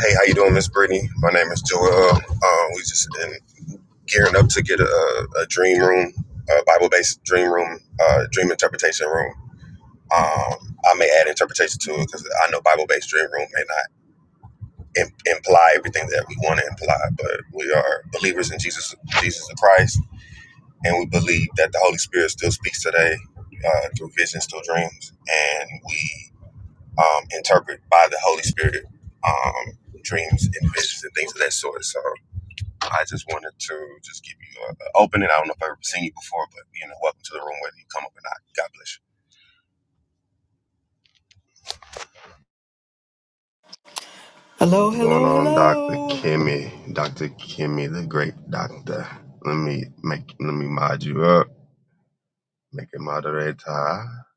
Hey, how you doing, Miss Brittany? My name is Joel. Uh, uh, we just been gearing up to get a, a dream room, a Bible-based dream room, uh, dream interpretation room. Um, I may add interpretation to it because I know Bible-based dream room may not Im- imply everything that we want to imply, but we are believers in Jesus, Jesus Christ, and we believe that the Holy Spirit still speaks today uh, through visions, through dreams, and we um, interpret by the Holy Spirit um, dreams and visions and things of that sort. So. I just wanted to just give you an opening. I don't know if I've ever seen you before, but you know, welcome to the room, whether you come up or not. God bless you. Hello, What's going hello, on, Dr. hello. Kimmy? Dr. Kimmy, the great doctor. Let me make let me mod you up. Make it moderator. I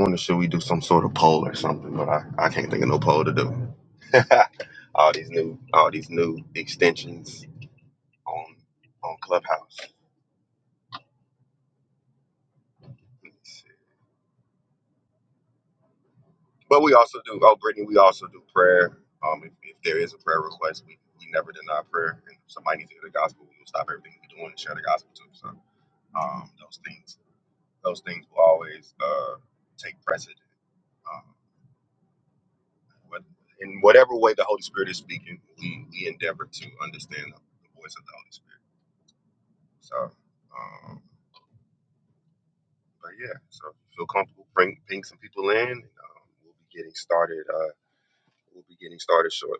wonder should we do some sort of poll or something, but I, I can't think of no poll to do. all these new all these new extensions on on Clubhouse. But we also do, oh, Brittany, we also do prayer. Um, if, if there is a prayer request, we, we never deny prayer. And if somebody needs to hear the gospel, we will stop everything we're doing and share the gospel too. So um, those things, those things will always uh, take precedent. Um, what- in whatever way the Holy Spirit is speaking, we, we endeavor to understand the, the voice of the Holy Spirit. So, um, but yeah, so if you feel comfortable, bring, bring some people in. And, um, we'll be getting started. Uh, we'll be getting started shortly.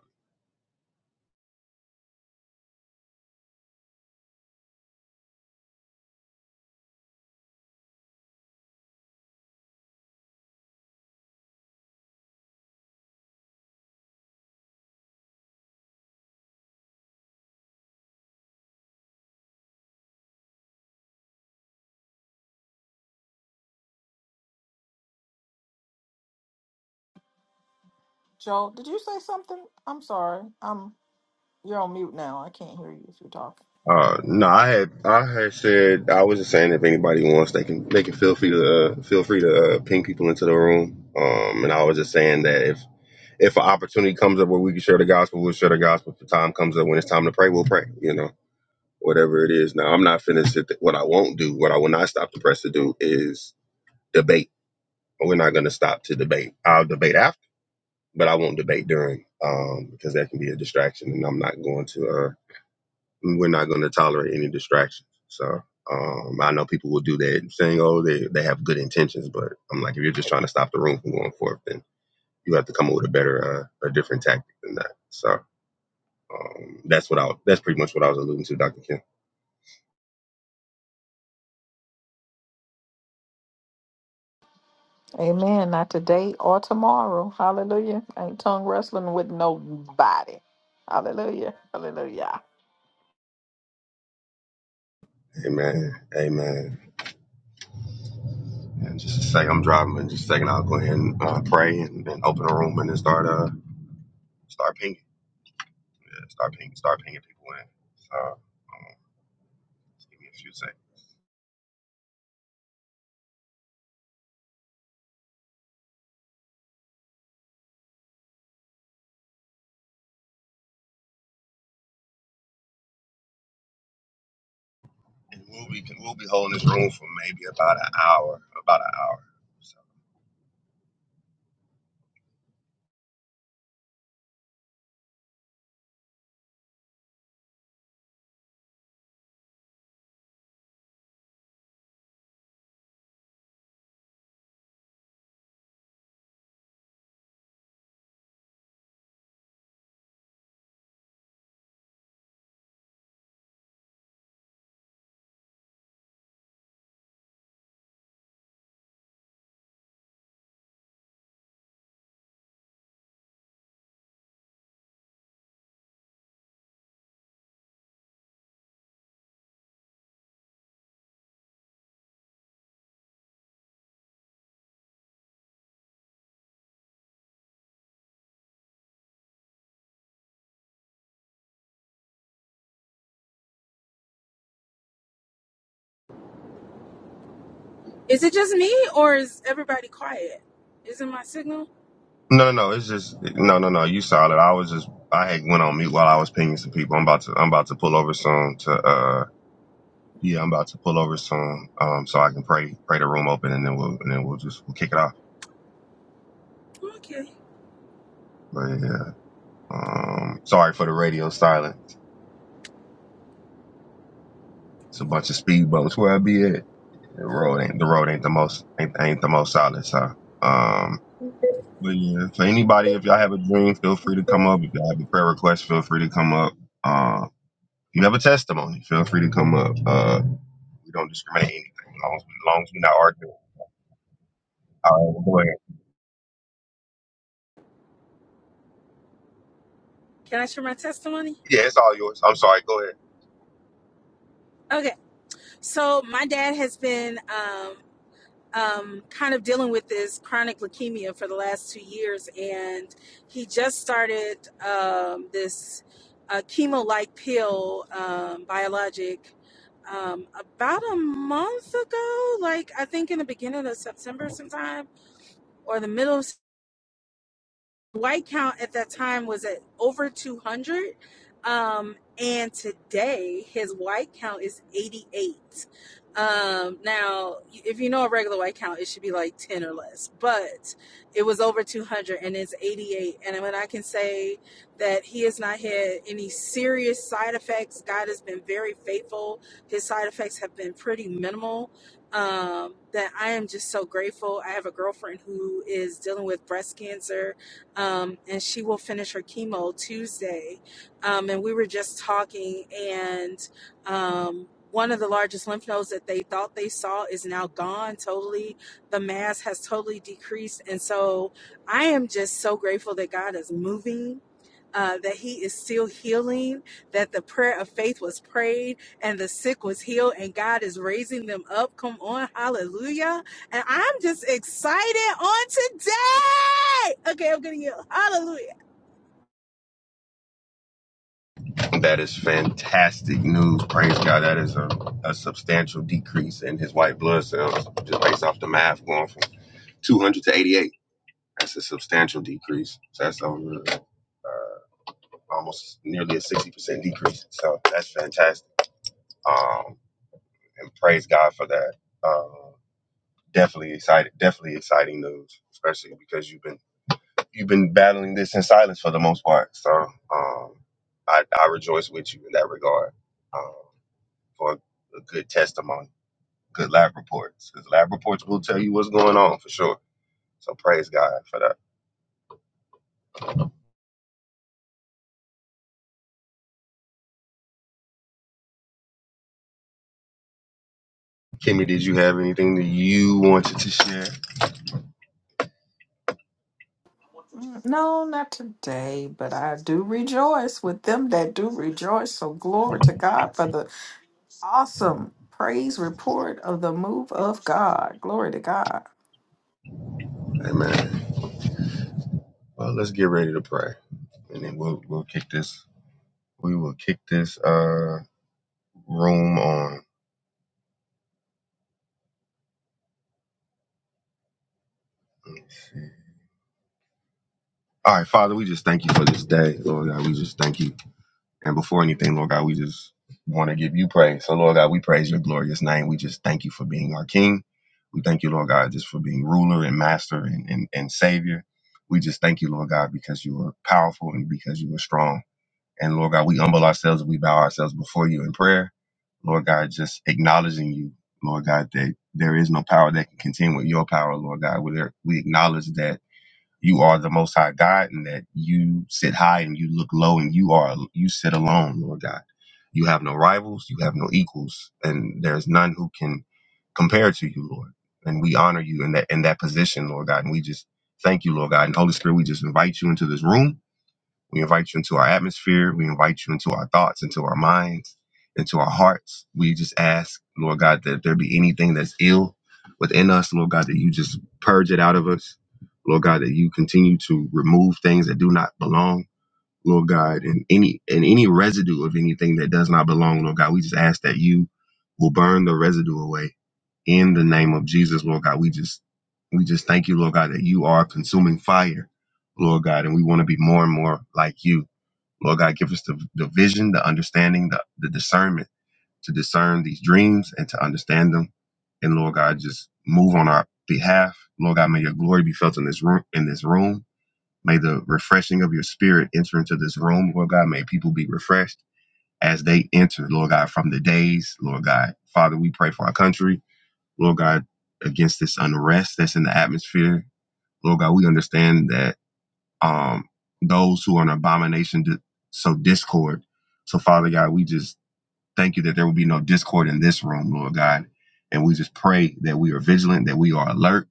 Joel, did you say something? I'm sorry. I'm you're on mute now. I can't hear you if you're talking. Uh, no, I had I had said I was just saying if anybody wants, they can they can feel free to uh, feel free to uh, ping people into the room. Um, and I was just saying that if if an opportunity comes up where we can share the gospel, we'll share the gospel. If the time comes up when it's time to pray, we'll pray. You know, whatever it is. Now, I'm not finished. What I won't do, what I will not stop the press to do, is debate. We're not going to stop to debate. I'll debate after, but I won't debate during, um, because that can be a distraction, and I'm not going to. uh, we're not going to tolerate any distractions. So um, I know people will do that, saying, "Oh, they they have good intentions," but I'm like, if you're just trying to stop the room from going forth, then you have to come up with a better, uh, a different tactic than that. So um, that's what I that's pretty much what I was alluding to, Dr. Kim. Amen. Not today or tomorrow. Hallelujah. Ain't tongue wrestling with nobody. Hallelujah. Hallelujah. Amen, amen. And just to say, I'm driving, and just a second, I'll go ahead and uh, pray and, and open a room and then start uh start pinging, yeah, start pinging, start pinging people in. So um, just give me a few seconds. We'll be we'll be holding this room for maybe about an hour, about an hour. So. Is it just me or is everybody quiet? Is it my signal? No, no, no. It's just no, no, no. You solid. I was just I had went on mute while I was pinging some people. I'm about to I'm about to pull over soon to uh yeah I'm about to pull over soon um so I can pray pray the room open and then we'll and then we'll just we'll kick it off. Okay. But yeah, um sorry for the radio silence. It's a bunch of speedboats where I be at. The road ain't the road ain't the most ain't, ain't the most solid. So um But yeah, so anybody, if y'all have a dream, feel free to come up. If y'all have a prayer request, feel free to come up. Uh, if you have a testimony, feel free to come up. Uh, we don't discriminate anything as long as, we, as long as we're not arguing. All right, go ahead. Can I share my testimony? Yeah, it's all yours. I'm sorry. Go ahead. Okay. So my dad has been um, um, kind of dealing with this chronic leukemia for the last two years, and he just started um, this uh, chemo-like pill um, biologic um, about a month ago. Like I think in the beginning of September, sometime or the middle of White count at that time was at over 200. Um, and today his white count is 88. Um, now, if you know a regular white count, it should be like 10 or less, but it was over 200 and it's 88. And when I can say that he has not had any serious side effects, God has been very faithful. His side effects have been pretty minimal. Um, that I am just so grateful. I have a girlfriend who is dealing with breast cancer um, and she will finish her chemo Tuesday. Um, and we were just talking, and um, one of the largest lymph nodes that they thought they saw is now gone totally. The mass has totally decreased. And so I am just so grateful that God is moving. Uh, that he is still healing, that the prayer of faith was prayed and the sick was healed, and God is raising them up. Come on, hallelujah and I'm just excited on today. Okay, I'm gonna yell. Hallelujah. That is fantastic news. Praise God. That is a, a substantial decrease in his white blood cells, just based off the math, going from 200 to 88. That's a substantial decrease. So that's over almost nearly a 60% decrease. So that's fantastic. Um, and praise God for that. Uh, definitely excited, definitely exciting news, especially because you've been you've been battling this in silence for the most part. So um, I, I rejoice with you in that regard um, for a good testimony, good lab reports, because lab reports will tell you what's going on for sure. So praise God for that. Kimmy, did you have anything that you wanted to share? Mm, No, not today, but I do rejoice with them that do rejoice. So glory to God for the awesome praise report of the move of God. Glory to God. Amen. Well, let's get ready to pray, and then we'll we'll kick this. We will kick this uh, room on. All right, Father, we just thank you for this day, Lord God. We just thank you. And before anything, Lord God, we just want to give you praise. So, Lord God, we praise your glorious name. We just thank you for being our King. We thank you, Lord God, just for being ruler and master and, and, and savior. We just thank you, Lord God, because you are powerful and because you are strong. And Lord God, we humble ourselves and we bow ourselves before you in prayer. Lord God, just acknowledging you, Lord God, that there is no power that can contend with your power, Lord God. We we acknowledge that you are the most high God and that you sit high and you look low and you are you sit alone, Lord God. You have no rivals, you have no equals, and there's none who can compare to you, Lord. And we honor you in that in that position, Lord God. And we just thank you, Lord God. And Holy Spirit, we just invite you into this room we invite you into our atmosphere. We invite you into our thoughts, into our minds, into our hearts. We just ask, Lord God, that there be anything that's ill within us, Lord God, that you just purge it out of us. Lord God, that you continue to remove things that do not belong. Lord God, and any and any residue of anything that does not belong, Lord God, we just ask that you will burn the residue away in the name of Jesus, Lord God. We just we just thank you, Lord God, that you are consuming fire, Lord God, and we want to be more and more like you. Lord God, give us the, the vision, the understanding, the, the discernment to discern these dreams and to understand them. And Lord God, just move on our behalf. Lord God, may your glory be felt in this room in this room. May the refreshing of your spirit enter into this room, Lord God. May people be refreshed as they enter, Lord God, from the days, Lord God. Father, we pray for our country, Lord God, against this unrest that's in the atmosphere. Lord God, we understand that um, those who are an abomination, so discord. So, Father God, we just Thank you that there will be no discord in this room, Lord God. And we just pray that we are vigilant, that we are alert,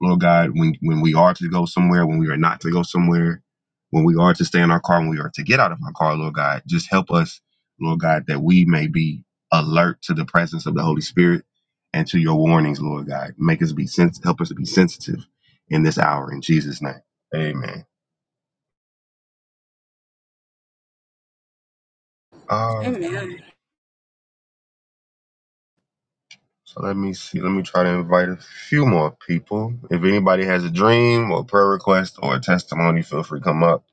Lord God, when, when we are to go somewhere, when we are not to go somewhere, when we are to stay in our car, when we are to get out of our car, Lord God, just help us, Lord God, that we may be alert to the presence of the Holy Spirit and to your warnings, Lord God. Make us be sens- help us to be sensitive in this hour in Jesus' name. Amen. All right. Amen. So let me see. Let me try to invite a few more people. If anybody has a dream or prayer request or a testimony, feel free to come up,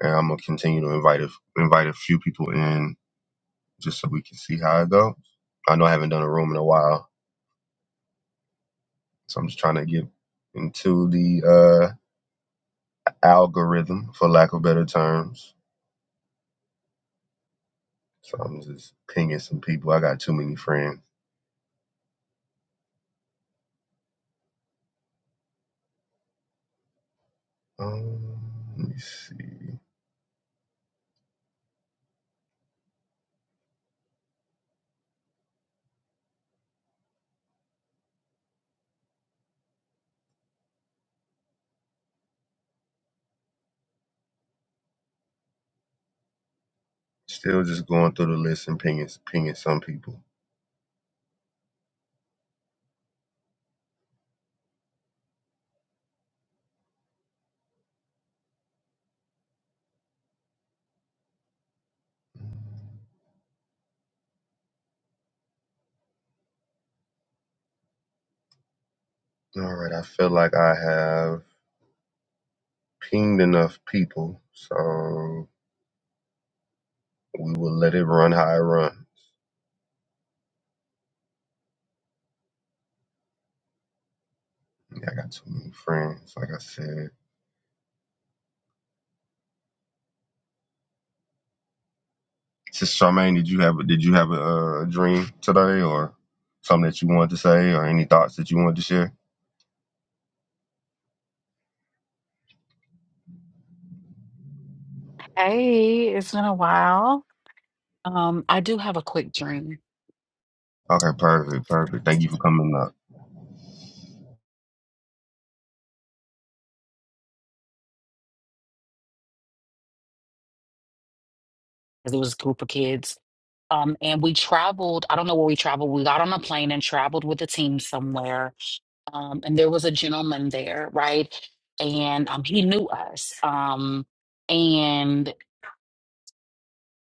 and I'm gonna continue to invite a, invite a few people in just so we can see how it goes. I know I haven't done a room in a while, so I'm just trying to get into the uh, algorithm, for lack of better terms. So I'm just pinging some people. I got too many friends. Um, let me see. Still just going through the list and pinging pinging some people. All right, I feel like I have. pinged enough people, so we will let it run how it run. Yeah, I got too many friends. Like I said, Sister Charmaine, did you have a, did you have a, uh dream today, or something that you wanted to say, or any thoughts that you wanted to share? Hey, it's been a while. Um, I do have a quick dream Okay, perfect, perfect. Thank you for coming up. because it was a group of kids. Um, and we traveled. I don't know where we traveled. We got on a plane and traveled with the team somewhere. Um, and there was a gentleman there, right? And um, he knew us. Um, and.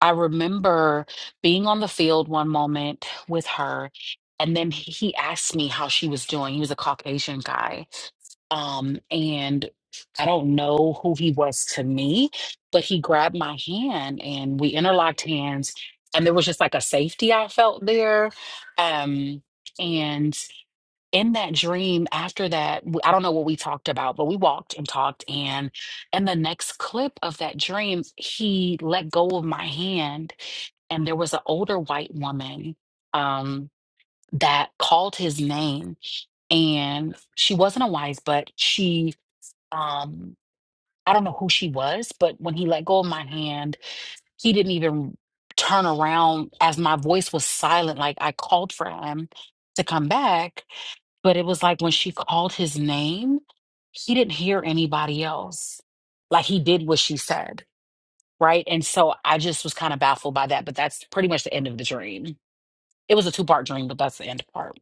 I remember being on the field one moment with her, and then he he asked me how she was doing. He was a Caucasian guy. Um, and I don't know who he was to me, but he grabbed my hand and we interlocked hands, and there was just like a safety I felt there. Um, and in that dream, after that, w- I don't know what we talked about, but we walked and talked. And in the next clip of that dream, he let go of my hand and there was an older white woman um, that called his name, and she wasn't a wife, but she, um, I don't know who she was, but when he let go of my hand, he didn't even turn around as my voice was silent. Like I called for him to come back, but it was like when she called his name, he didn't hear anybody else. Like he did what she said. Right. And so I just was kind of baffled by that, but that's pretty much the end of the dream. It was a two part dream, but that's the end part.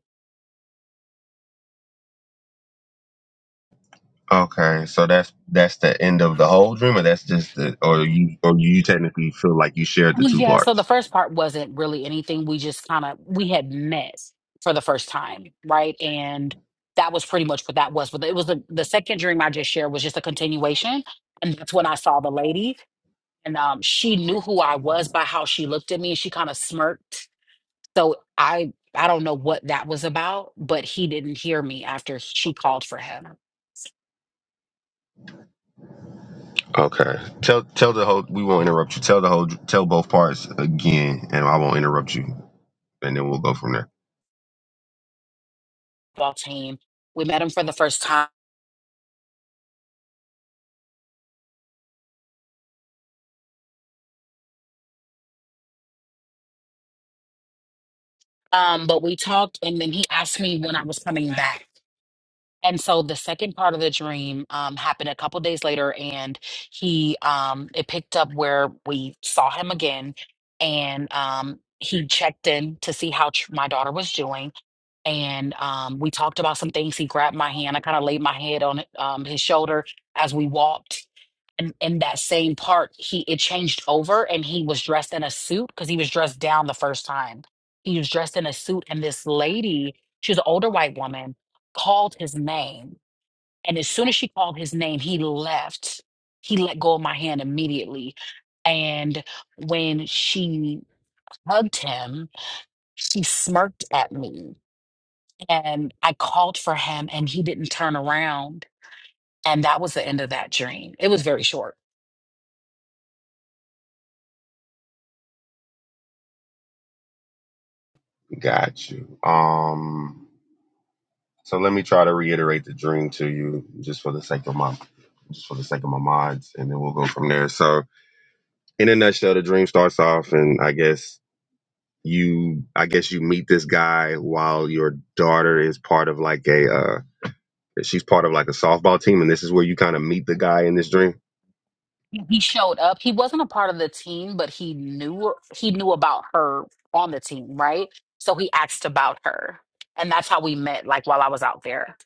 Okay, so that's that's the end of the whole dream, or that's just the, or you or you technically feel like you shared the Well, two yeah. So the parts. first part wasn't really anything. We just kind of we had met for the first time, right? And that was pretty much what that was. But it was the, the second dream I just shared was just a continuation, and that's when I saw the lady, and um, she knew who I was by how she looked at me, and she kind of smirked. So I I don't know what that was about, but he didn't hear me after she called for him. Okay. Tell tell the whole. We won't interrupt you. Tell the whole. Tell both parts again, and I won't interrupt you, and then we'll go from there. Ball team. We met him for the first time Um, but we talked, and then he asked me when I was coming back. And so the second part of the dream um, happened a couple days later, and he um, it picked up where we saw him again, and um, he checked in to see how tr- my daughter was doing, and um, we talked about some things. He grabbed my hand, I kind of laid my head on um, his shoulder as we walked, and in that same part he it changed over and he was dressed in a suit because he was dressed down the first time he was dressed in a suit and this lady she was an older white woman called his name and as soon as she called his name he left he let go of my hand immediately and when she hugged him she smirked at me and i called for him and he didn't turn around and that was the end of that dream. It was very short. Got you. Um. So let me try to reiterate the dream to you, just for the sake of my, just for the sake of my minds, and then we'll go from there. So in a nutshell, the dream starts off, and I guess you, I guess you meet this guy while your daughter is part of like a. uh She's part of like a softball team, and this is where you kind of meet the guy in this dream. Yeah, He showed up. He wasn't a part of the team, but he knew he knew about her on the team, right? So he asked about her. And that's how we met, like while I was out there.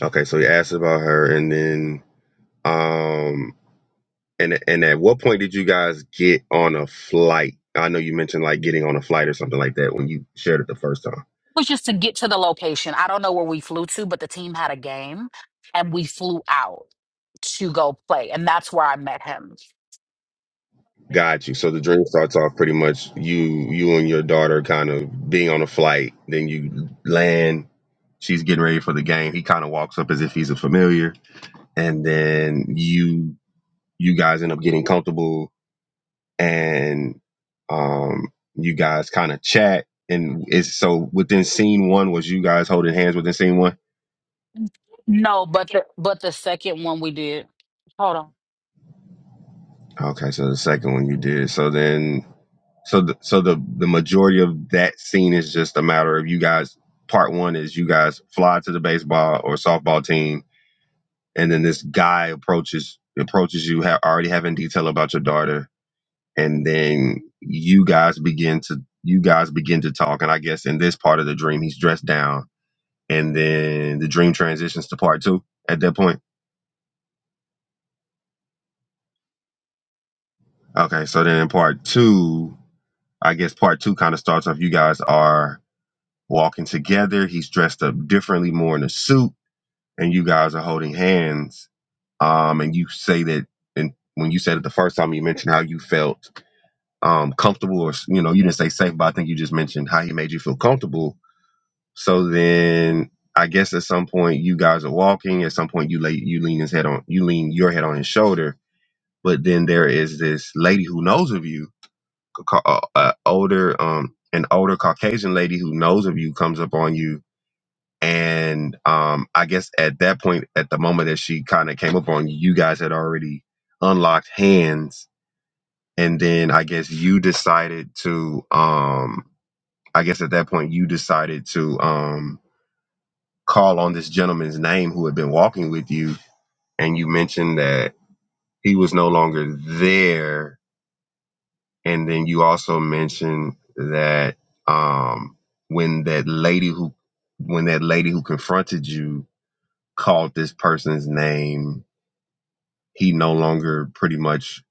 Okay, so he asks about her, and then Um, and and at what point did you guys get on a flight? I know you mentioned like getting on a flight or something like that when you shared it the first time. It was just to get to the location. I don't know where we flew to, but the team had a game and we flew out to go play. And that's where I met him. Got you. So the dream starts off pretty much you you and your daughter kind of being on a flight. Then you land. She's getting ready for the game. He kind of walks up as if he's a familiar, and then you you guys end up getting comfortable, and um, you guys kind of chat. And it's so within scene one was you guys holding hands within scene one. No, but the but the second one we did. Hold on. Okay, so the second one you did. So then, so the, so the the majority of that scene is just a matter of you guys. Part one is you guys fly to the baseball or softball team, and then this guy approaches approaches you ha- already having detail about your daughter, and then you guys begin to you guys begin to talk. And I guess in this part of the dream, he's dressed down, and then the dream transitions to part two at that point. Okay, so then in part two, I guess part two kind of starts off. You guys are walking together. He's dressed up differently, more in a suit, and you guys are holding hands. Um, and you say that, and when you said it the first time, you mentioned how you felt um comfortable, or you know, you didn't say safe, but I think you just mentioned how he made you feel comfortable. So then, I guess at some point you guys are walking. At some point you lay you lean his head on you lean your head on his shoulder. But then there is this lady who knows of you, ca- ca- uh, uh, older um an older Caucasian lady who knows of you comes up on you And um, I guess at that point, at the moment that she kind of came up on you, you guys had already unlocked hands, and then I guess you decided to. Um, I guess at that point, you decided to um, call on this gentleman's name who had been walking with you, and you mentioned that he was no longer there, and then you also mentioned that um, when that lady who when that lady who confronted you called this person's name he no longer pretty much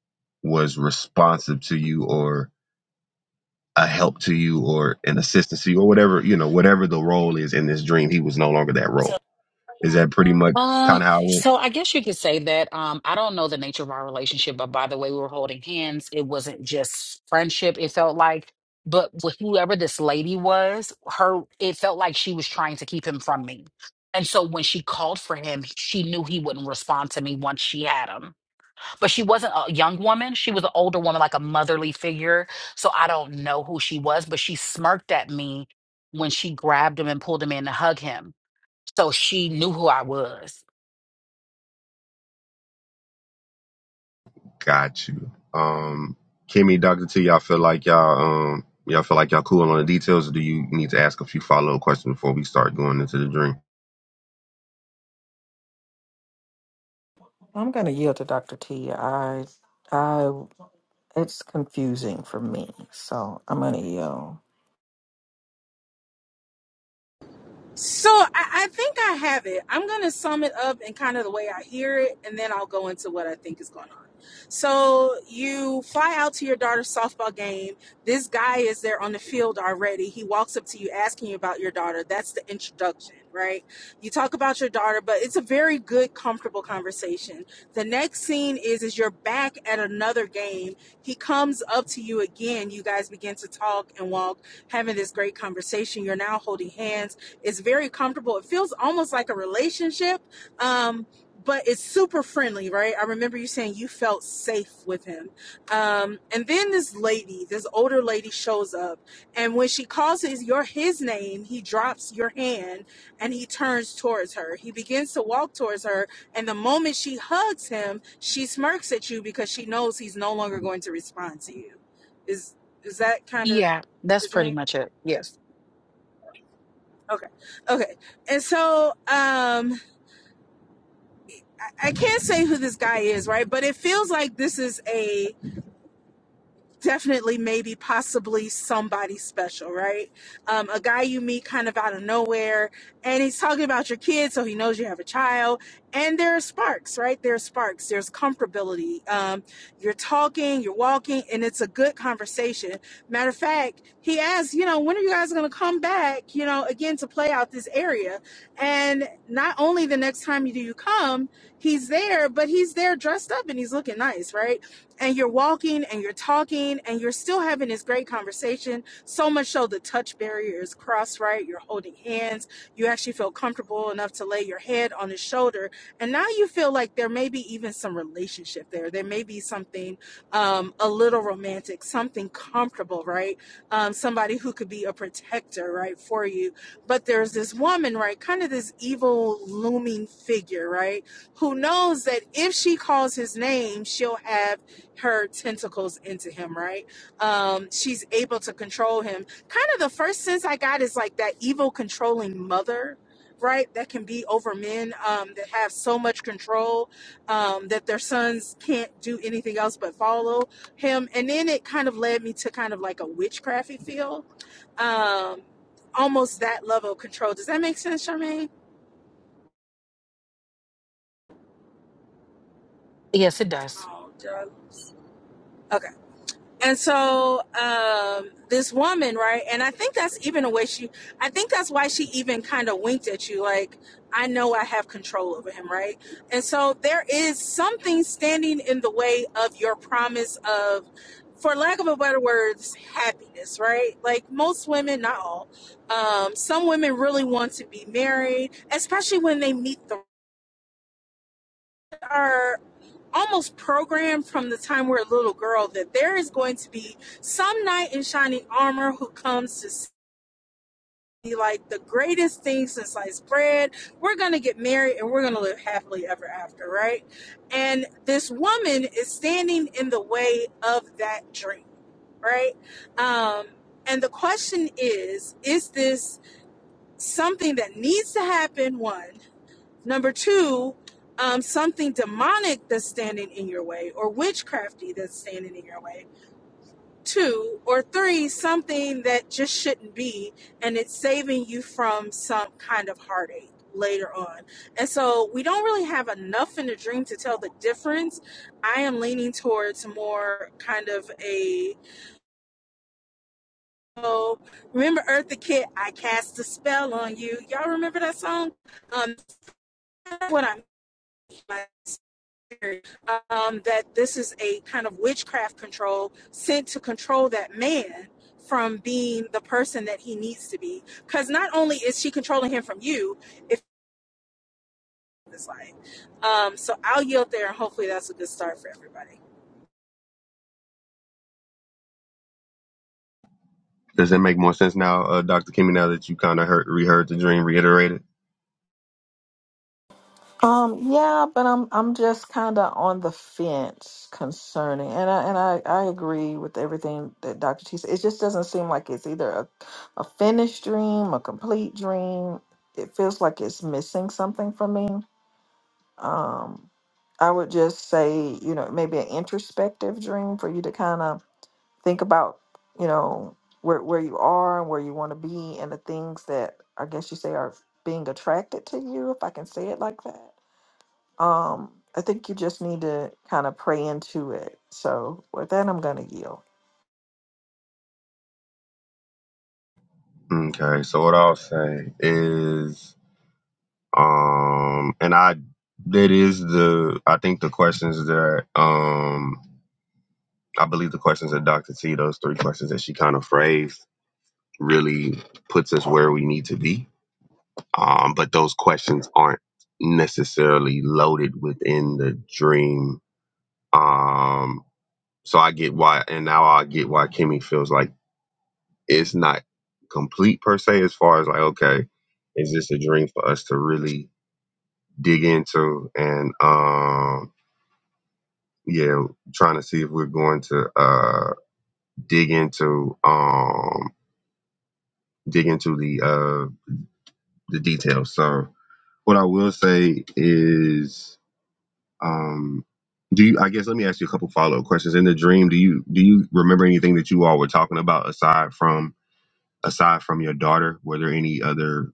was responsive to you or a help to you or an assistance to you or whatever you know whatever the role is in this dream he was no longer that role is that pretty much Um, kind of how i went? so I guess you could say that um I don't know the nature of our relationship, but by the way we were holding hands, it wasn't just friendship, it felt like but with whoever this lady was, her it felt like she was trying to keep him from me. And so when she called for him, she knew he wouldn't respond to me once she had him. but she wasn't a young woman. She was an older woman, like a motherly figure. So I don't know who she was, but she smirked at me when she grabbed him and pulled him in to hug him. So she knew who I was. got you um kimmy dr t y'all feel like y'all um y'all feel like y'all cool on the details or do you need to ask a few follow-up questions before we start going into the dream I'm gonna yield to Dr. T. I I it's confusing for me. So I'm gonna yell. So I, I think I have it. I'm going to sum it up in kind of the way I hear it, and then I'll go into what I think is going on. So you fly out to your daughter's softball game. This guy is there on the field already. He walks up to you asking you about your daughter. That's the introduction, right? You talk about your daughter, but it's a very good, comfortable conversation. The next scene is is you're back at another game. He comes up to you again. You guys begin to talk and walk, having this great conversation. You're now holding hands it's very comfortable. It feels almost like a relationship, um, but it's super friendly, right? I remember you saying you felt safe with him. Um, and then this lady, this older lady, shows up, and when she calls his your his name, he drops your hand and he turns towards her. He begins to walk towards her, and the moment she hugs him, she smirks at you because she knows he's no longer going to respond to you. Is is that kind of Yeah, that's the pretty dream? much it. Yes. Okay. Okay. And so um I, I can't say who this guy is, right? But it feels like this is a definitely maybe possibly somebody special right um, a guy you meet kind of out of nowhere and he's talking about your kid so he knows you have a child and there are sparks right there are sparks there's comfortability um, you're talking you're walking and it's a good conversation matter of fact he asks you know when are you guys going to come back you know again to play out this area and not only the next time you do you come he's there but he's there dressed up and he's looking nice right and you're walking and you're talking and you're still having this great conversation. So much so the touch barrier is crossed, right? You're holding hands. You actually feel comfortable enough to lay your head on his shoulder. And now you feel like there may be even some relationship there. There may be something um, a little romantic, something comfortable, right? Um, somebody who could be a protector, right, for you. But there's this woman, right? Kind of this evil looming figure, right? Who knows that if she calls his name, she'll have her tentacles into him, right? Um, she's able to control him. Kind of the first sense I got is like that evil controlling mother, right? That can be over men um, that have so much control um, that their sons can't do anything else but follow him. And then it kind of led me to kind of like a witchcrafty feel. Um, almost that level of control. Does that make sense, Charmaine? Yes, it does. Oh, drugs. And so um, this woman, right? And I think that's even a way she, I think that's why she even kind of winked at you, like, I know I have control over him, right? And so there is something standing in the way of your promise of, for lack of a better words, happiness, right? Like most women, not all, um, some women really want to be married, especially when they meet the bar almost programmed from the time we're a little girl that there is going to be some knight in shining armor who comes to see like the greatest thing since sliced bread. We're going to get married and we're going to live happily ever after, right? And this woman is standing in the way of that dream, right? Um, and the question is is this something that needs to happen? One. Number two, um, something demonic that's standing in your way, or witchcrafty that's standing in your way. Two, or three, something that just shouldn't be, and it's saving you from some kind of heartache later on. And so we don't really have enough in the dream to tell the difference. I am leaning towards more kind of a oh, remember Eartha Kitt, I cast a spell on you. Y'all remember that song? Um, what I mean by um, that this is a kind of witchcraft control sent to control that man from being the person that he needs to be. Because not only is she controlling him from you, if this life. Um, so I'll yield there, and hopefully that's a good start for everybody. does that make more sense now uh, dr kimmy now that you kind of heard reheard the dream reiterated Um, yeah, but I'm I'm just kind of on the fence concerning, and I and I, I agree with everything that Dr. T said. It just doesn't seem like it's either a, a finished dream, a complete dream. It feels like it's missing something for me. Um, I would just say, you know, maybe an introspective dream for you to kind of think about you know where where you are and where you want to be and the things that I guess you say are being attracted to you if I can say it like that. Um I think you just need to kind of pray into it. So with that I'm going to yield. okay so what i'll say is Um, and I that is the I think the questions that um I believe the questions that Dr. T, those three questions that she kind of phrased really puts us where we need to be. Um, but those questions aren't necessarily loaded within the dream. Um, so I get why and now I get why Kimmy feels like it's not complete per se as far as like, okay, is this a dream for us to really dig into and um yeah, trying to see if we're going to uh dig into um dig into the uh the details. So what I will say is um do you I guess let me ask you a couple follow up questions. In the dream, do you do you remember anything that you all were talking about aside from aside from your daughter? Were there any other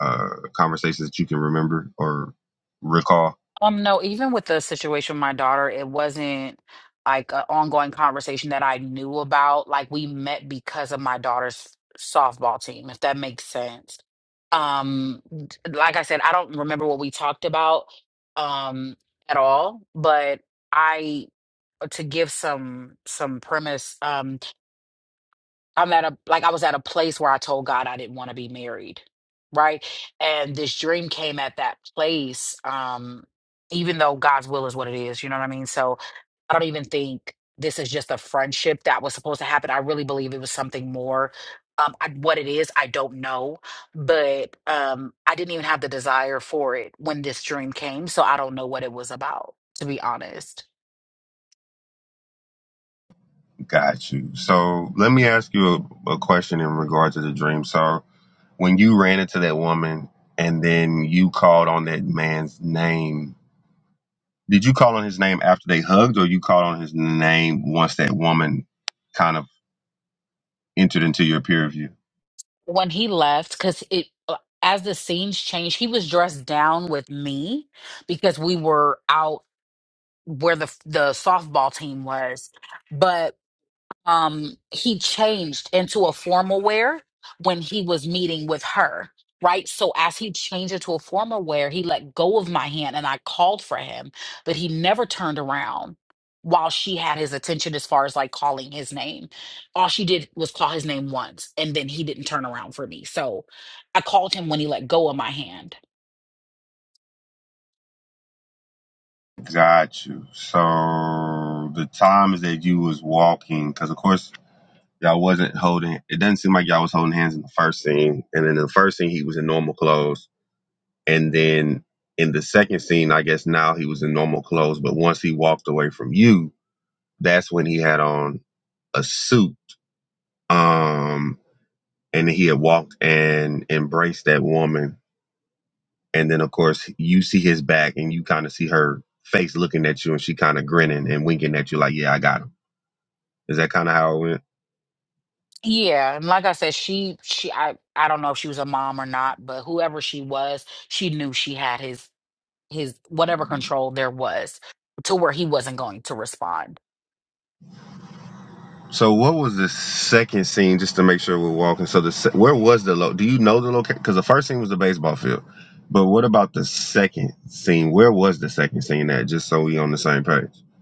uh conversations that you can remember or recall? Um, no, even with the situation with my daughter, it wasn't like an ongoing conversation that I knew about. Like we met because of my daughter's softball team, if that makes sense. Um, d- like I said, I don't remember what we talked about um at all, but I to give some some premise, Um. I'm at a like I was at a place where I told God I didn't want to be married, right? And this dream came at that place um even though God's will is what it is, you know what I mean? So I don't even think this is just a friendship that was supposed to happen. I really believe it was something more. Um I, what it is, I don't know, but um I didn't even have the desire for it when this dream came, so I don't know what it was about, to be honest. Got you. So let me ask you a, a question in regard to the dream. So when you ran into that woman and then you called on that man's name, did you call on his name after they hugged or you called on his name once that woman kind of entered into your peer view? when he left because it uh, as the scenes changed he was dressed down with me because we were out where the the softball team was but um he changed into a formal wear when he was meeting with her right so as he changed into a formal wear he let go of my hand and i called for him but he never turned around while she had his attention as far as like calling his name all she did was call his name once and then he didn't turn around for me so i called him when he let go of my hand Got you. So the times that you was walking, because of course y'all wasn't holding, it doesn't seem like y'all was holding hands in the first scene. And then the first scene, he was in normal clothes. And then in the second scene, I guess now he was in normal clothes. But once he walked away from you, That's when he had on a suit. Um, and he had walked and embraced that woman. And then, of course, you see his back and you kind of see her face looking at you and she kind of grinning and winking at you, like, yeah, I got him. Is that kind of how it went? yeah and like i said she she i i don't know if she was a mom or not but whoever she was she knew she had his his whatever control there was to where he wasn't going to respond. So, what was the second scene, just to make sure we're walking? So, the se- where was the lo Do you know the location? Because the first scene was the baseball field. But what about the second scene? Where was the second scene at? Just so we on the same page.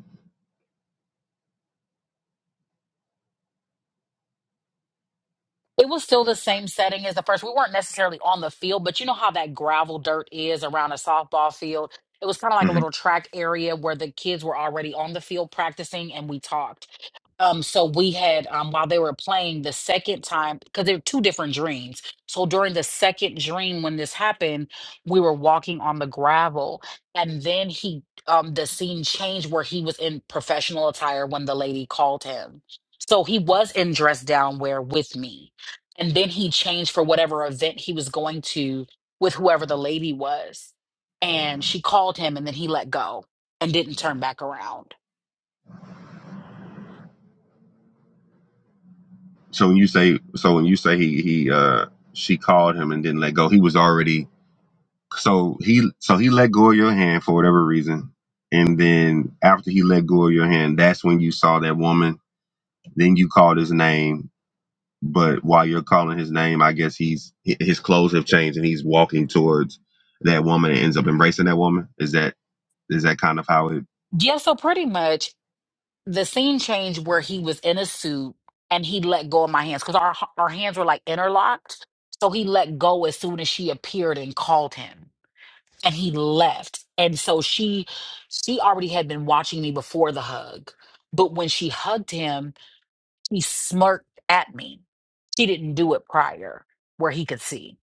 It was still the same setting as the first. We weren't necessarily on the field, but you know how that gravel dirt is around a softball field? It was kind of like a little track area where the kids were already on the field practicing and we talked. Um, so we had um while they were playing the second time, because they were two different dreams. So during the second dream, when this happened, we were walking on the gravel, and then he um the scene changed where he was in professional attire when the lady called him. So he was in dress down wear with me. And then he changed for whatever event he was going to with whoever the lady was. And she called him and then he let go and didn't turn back around. So when you say so when you say he he uh she called him and didn't let go, he was already so he so he let go of your hand for whatever reason. And then after he let go of your hand, that's when you saw that woman. Then you called his name, but while you're calling his name, I guess he's hi- his clothes have changed and he's walking towards that woman and ends up embracing that woman. Is that is that kind of how it Yeah, so pretty much the scene change where he was in a suit and he let go of my hands because our our hands were like interlocked. So he let go as soon as she appeared and called him, and he left. And so she she already had been watching me before the hug, but when she hugged him, he smirked at me. She didn't do it prior where he could see.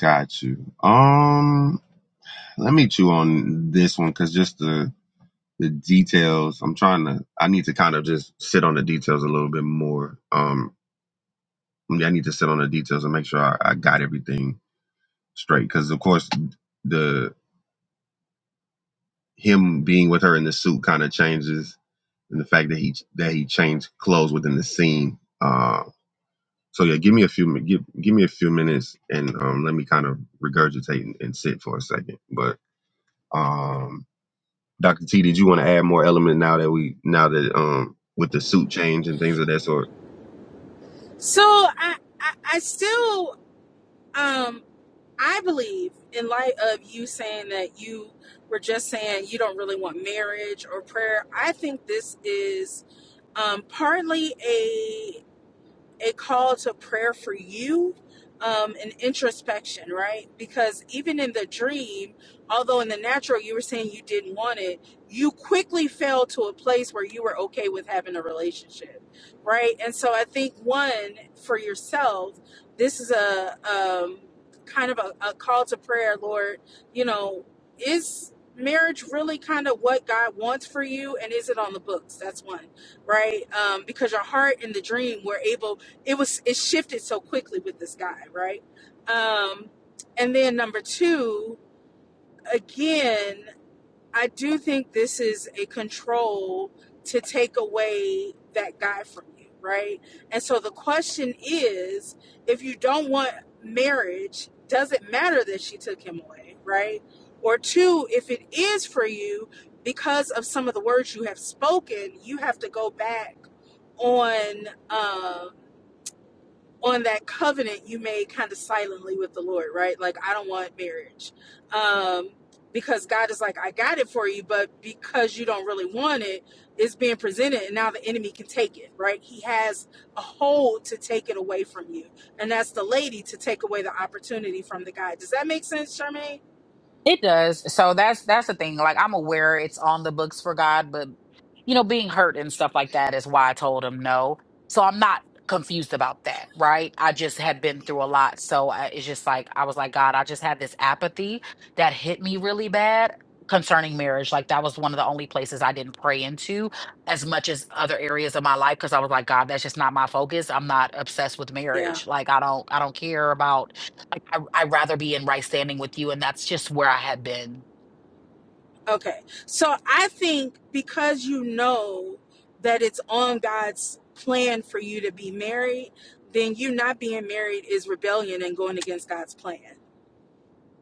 got you? Um, let me chew on this one because just the the details. I'm trying to. I need to kind of just sit on the details a little bit more. Um, I mean, I need to sit on the details and make sure I, I got everything straight. Because of course, the him being with her in the suit kind of changes, and the fact that he that he changed clothes within the scene. Uh, so yeah, give me a few mi- give give me a few minutes and um, let me kind of regurgitate and, and sit for a second. But um, Dr. T, did you want to add more element now that we now that um with the suit change and things of that sort? So I, I, I still, um, I believe in light of you saying that you were just saying you don't really want marriage or prayer. I think this is um, partly a a call to prayer for you um, and introspection, right? Because even in the dream, although in the natural you were saying you didn't want it, you quickly fell to a place where you were okay with having a relationship, right? And so I think one for yourself, this is a um, kind of a, a call to prayer, Lord. You know, is marriage really kind of what God wants for you, and is it on the books? That's one right? Um, because your heart in the dream were able it was it shifted so quickly with this guy, right? Um, and then number two, again, I do think this is a control to take away that guy from you, right? And so the question is, if you don't want marriage, does it matter that she took him away, right? Or two, if it is for you, because of some of the words you have spoken, you have to go back on. Um, on that covenant you made kind of silently with the Lord, right? Like, I don't want marriage. Um, because God is like, I got it for you, but because you don't really want it, it's being presented, and now the enemy can take it, right? He has a hold to take it away from you, and that's the lady to take away the opportunity from the guy. Does that make sense, Charmaine? It does. So that's that's the thing. Like I'm aware it's on the books for God, but you know, being hurt and stuff like that is why I told him no. So I'm not confused about that, right? I just had been through a lot, so I, it's just like I was like, God, I just had this apathy that hit me really bad concerning marriage. Like that was one of the only places I didn't pray into as much as other areas of my life because I was like, God, that's just not my focus. I'm not obsessed with Yeah. marriage. Like I don't I don't care about I, I, I'd rather be in right standing with you, and that's just where I had been. Okay. So I think because you know that it's on God's plan for you to be married, then you not being married is rebellion and going against God's plan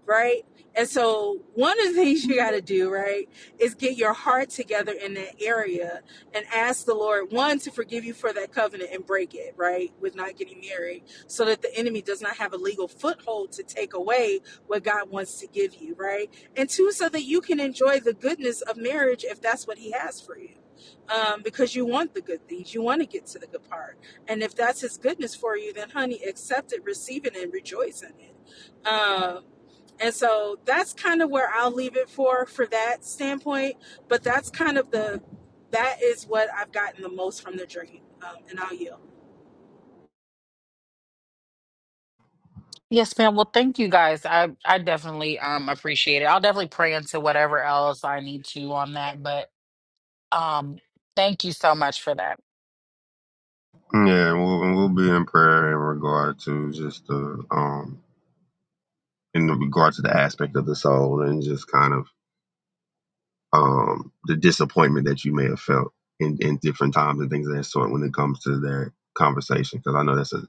right? And so one of the things you got to do, right, is get your heart together in that area and ask the Lord, one, to forgive you for that covenant and break it, right, with not getting married, so that the enemy does not have a legal foothold to take away what God wants to give you, right? And two, so that you can enjoy the goodness of marriage if that's what he has for you. Um, because you want the good things, you want to get to the good part. And if that's his goodness for you, then honey, accept it, receive it, and rejoice in it. Um, and so that's kind of where I'll leave it for for that standpoint. But that's kind of the that is what I've gotten the most from the dream, um, and I'll yield. Yes, ma'am. Well, thank you guys. I I definitely um appreciate it. I'll definitely pray into whatever else I need to on that. But um, thank you so much for that. Yeah, and we'll, and we'll be in prayer in regard to just the um in regard to the aspect of the soul and just kind of um the disappointment that you may have felt in in different times and things of that sort when it comes to that conversation because I know that's a,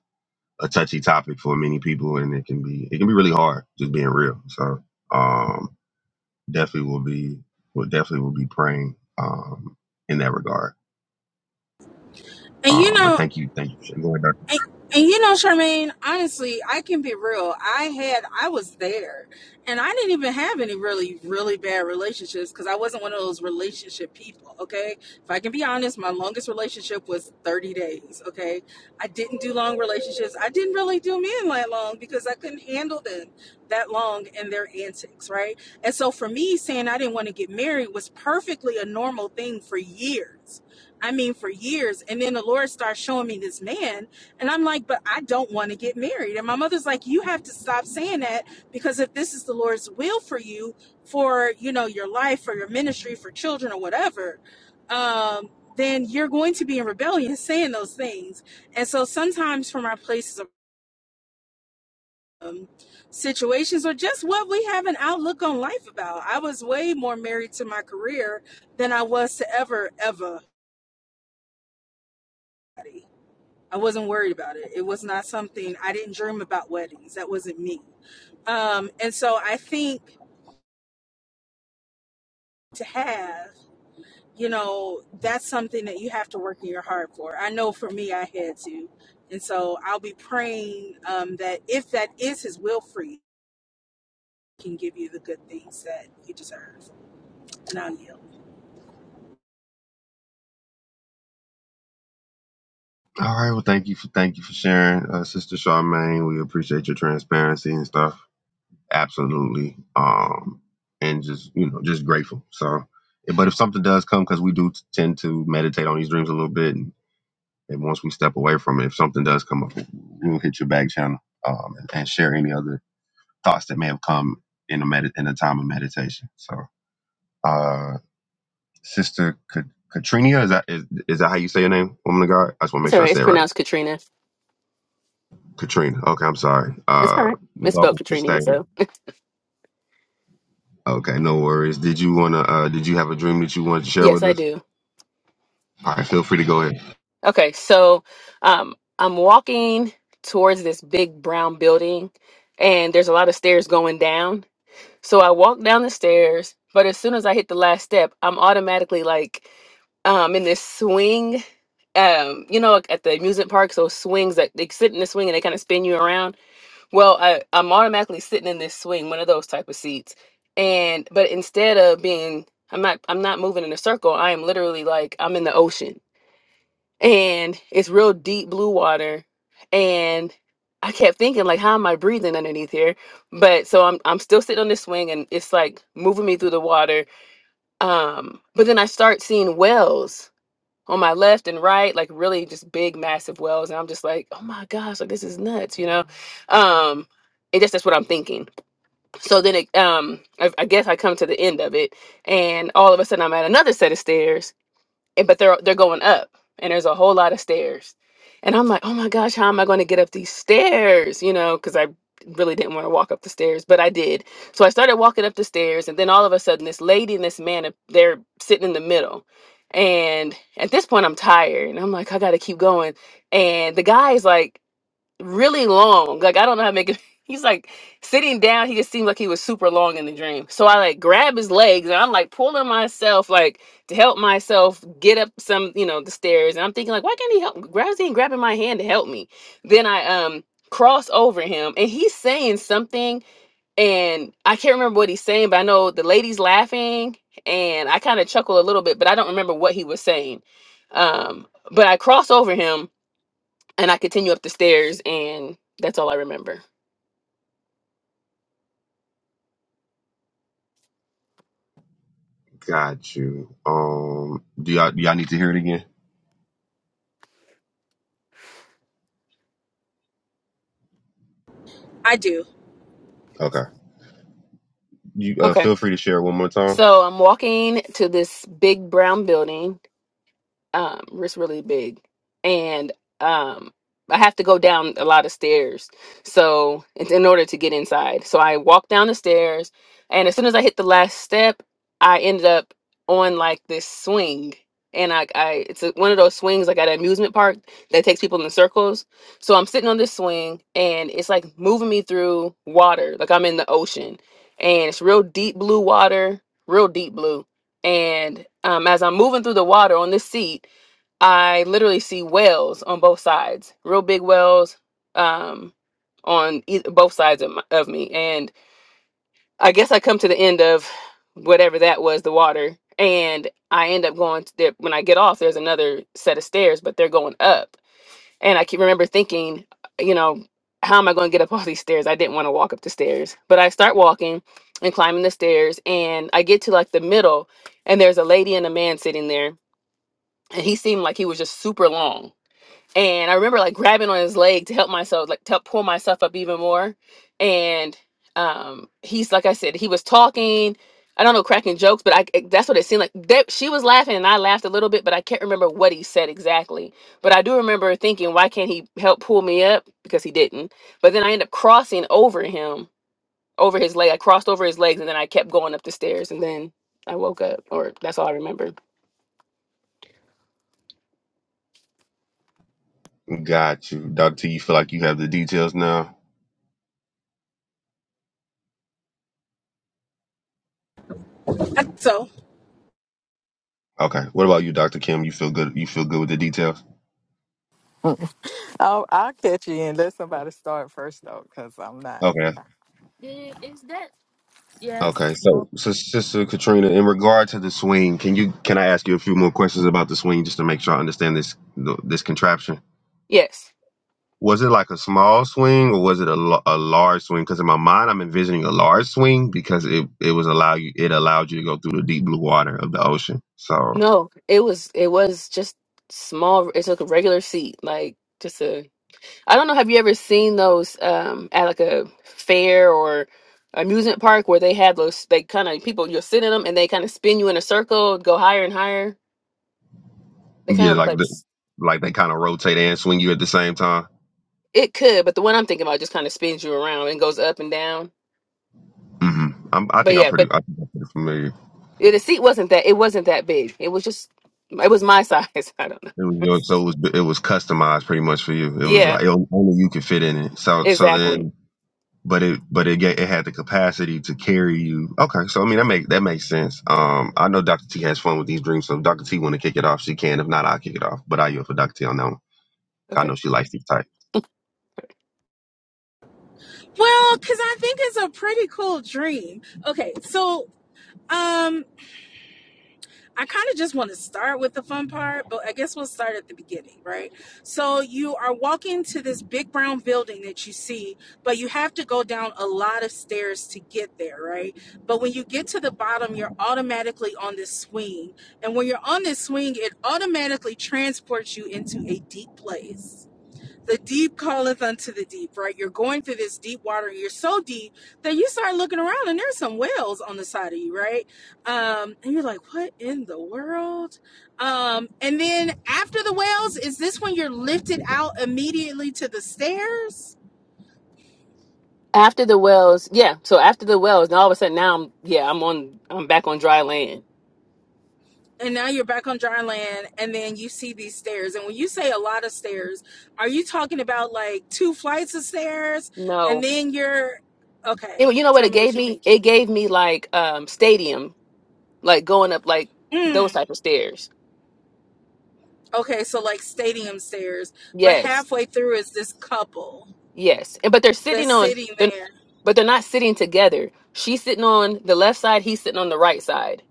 a touchy topic for many people and it can be it can be really hard just being real. So um definitely will be will definitely will be praying um in that regard. And you Um, but know, thank you, thank you for going. And, and you know, Charmaine, honestly, I can be real. I had, I was there, and I didn't even have any really, really bad relationships because I wasn't one of those relationship people. Okay, if I can be honest, my longest relationship was thirty days. Okay, I didn't do long relationships. I didn't really do men that long because I couldn't handle them that long and their antics, right? And so for me, saying I didn't want to get married was perfectly a normal thing for years. I mean, for years, and then the Lord started showing me this man and I'm like, but I don't want to get married. And my mother's like, you have to stop saying that because if this is the Lord's will for you, for you know your life, for your ministry, for children or whatever, um, then you're going to be in rebellion saying those things. And so sometimes from our places of um, situations or just what we have an outlook on life about. I was way more married to my career than I was to ever ever. I wasn't worried about it. It was not something I didn't dream about weddings. That wasn't me. Um, and so I think to have, you know, that's something that you have to work in your heart for. I know for me, I had to. And so I'll be praying um, that if that is his will for you, he can give you the good things that you deserve. And I'll yield. All right. Well, thank you for thank you for sharing, uh, Sister Charmaine. We appreciate your transparency and stuff. Absolutely. Um, and just you know, just grateful. So, but if something does come, because we do t- tend to meditate on these dreams a little bit, and, and once we step away from it, if something does come up, we'll hit your back channel um, and, and share any other thoughts that may have come in a med- in a time of meditation. So, uh, Sister Ka- Katrina, is that is, is that how you say your name, woman of God? I just want to It's make all sure I right. It's say it right. pronounced Katrina. Katrina. Okay, I'm sorry. It's all Uh, right. It's spelled welcome to Katrina. stage. So, Okay, no worries. Did you wanna? Uh, did you have a dream that you wanted to share yes, with I us? do. All right, feel free to go ahead. Okay. So, um, I'm walking towards this big brown building, and there's a lot of stairs going down. So, I walk down the stairs, but as soon as I hit the last step, I'm automatically like um, in this swing. Um, you know, like, at the amusement park, so swings that they sit in the swing and they kind of spin you around. Well, I, I'm automatically sitting in this swing, one of those type of seats. And but instead of being I'm not I'm not moving in a circle, I am literally like I'm in the ocean. And it's real deep blue water. And I kept thinking like how am I breathing underneath here? But so I'm I'm still sitting on this swing and it's like moving me through the water. Um but then I start seeing whales on my left and right, like really just big, massive wells. And I'm just like, oh my gosh, like this is nuts, you know? Um, and just that's what I'm thinking. So then it, um, I, I guess I come to the end of it, and all of a sudden I'm at another set of stairs, and- but they're they're going up and there's a whole lot of stairs and i'm like oh my gosh how am i going to get up these stairs you know because i really didn't want to walk up the stairs but i did so i started walking up the stairs and then all of a sudden this lady and this man uh, they're sitting in the middle and at this point i'm tired and i'm like i gotta keep going and the guy is like really long. Like I don't know how to make it. He's like sitting down. He just seemed like he was super long in the dream. So I like grab his legs and I'm like pulling myself like to help myself get up some you know the stairs. And I'm thinking like, why can't he help? Grabs he grabbing my hand to help me. Then I um cross over him and he's saying something and I can't remember what he's saying, but I know the lady's laughing and I kind of chuckle a little bit, but I don't remember what he was saying. Um, but I cross over him and I continue up the stairs, and that's all I remember. Got you. Um, do y'all do y'all need to hear it again? I do. Okay. You uh, Okay. feel free to share it one more time. So I'm walking to this big brown building Um, it's really big, and um, I have to go down a lot of stairs. So it's in order to get inside. So I walk down the stairs, and as soon as I hit the last step, I ended up on like this swing. And I, I it's a, one of those swings like at an amusement park that takes people in circles. So I'm sitting on this swing, and it's like moving me through water, like I'm in the ocean, and it's real deep blue water, real deep blue and um, as I'm moving through the water on this seat, I literally see whales on both sides, real big whales um, on e- both sides of, my, of me. And I guess I come to the end of whatever that was, the water. And I end up going to there. When I get off, there's another set of stairs, but they're going up. And I can remember thinking, you know, how am I going to get up all these stairs? I didn't want to walk up the stairs, but I start walking and climbing the stairs, and I get to like the middle, and there's a lady and a man sitting there, and he seemed like he was just super long and I remember like grabbing on his leg to help myself, like to help pull myself up even more. And um, he's like I said, he was talking. I don't know, cracking jokes, but I it- that's what it seemed like. That she was laughing and I laughed a little bit, but I can't remember what he said exactly. But I do remember thinking, why can't he help pull me up? Because he didn't. But then I ended up crossing over him, over his leg. I crossed over his legs, and then I kept going up the stairs, and then I woke up, or that's all I remember. Got you, Doctor T. You feel like you have the details now. I, so, Okay. What about you, Doctor Kim? You feel good? You feel good with the details? I'll, I'll catch you and let somebody start first though, because I'm not. Okay. Okay. So, so, Sister Katrina, in regard to the swing, can you can I ask you a few more questions about the swing just to make sure I understand this this contraption? Yes. Was it like a small swing or was it a, l- a large swing? Because in my mind, I'm envisioning a large swing because it, it was allow you it allowed you to go through the deep blue water of the ocean. So No, it was it was just small. It's like a regular seat, like just a. I don't know. Have you ever seen those um at like a fair or amusement park where they have those? They kind of people you'll sit in them and they kind of spin you in a circle, go higher and higher. They kind yeah, of look like like the, s- like they kind of rotate and swing you at the same time. it could, but the one I'm thinking about just kind of spins you around and goes up and down. hmm I'm, I But think I'm yeah, pretty but I think I'm pretty familiar. yeah, the seat wasn't that. It wasn't that big. It was just. It was my size. I don't know. It was your, so it was it was customized pretty much for you. It was Yeah, like it, only you could fit in it. So so then exactly. but it but it ga- it had the capacity to carry you. Okay, so I mean that make that makes sense. Um, I know Dr. T has fun with these dreams, so if Dr. T want to kick it off, she can. If not, I'll kick it off. But I yield for Dr. T on that one. 'Cause I Okay. know she likes these type. well, because I think it's a pretty cool dream. Okay. So, um, I kind of just want to start with the fun part, but I guess we'll start at the beginning, right? So you are walking to this big brown building that you see, but you have to go down a lot of stairs to get there, right? But when you get to the bottom, you're automatically on this swing. And when you're on this swing, it automatically transports you into a deep place the deep calleth unto the deep, right? You're going through this deep water. You're so deep that you start looking around and there's some whales on the side of you, right? Um, and you're like, what in the world? Um, and then after the whales, is this when you're lifted out immediately to the stairs? After the wells, yeah. So after the wells, now all of a sudden now I'm yeah, I'm on I'm back on dry land. And now you're back on dry land, and then you see these stairs. And when you say a lot of stairs, are you talking about like two flights of stairs? And No. then you're okay. It, you know what Tell it me gave what you're me? thinking. It gave me like um stadium, like going up like Mm. those type of stairs. Okay, so like stadium stairs, but Yes. halfway through is this couple Yes. And but they're sitting that's on sitting they're, there but they're not sitting together. She's sitting on the left side, he's sitting on the right side.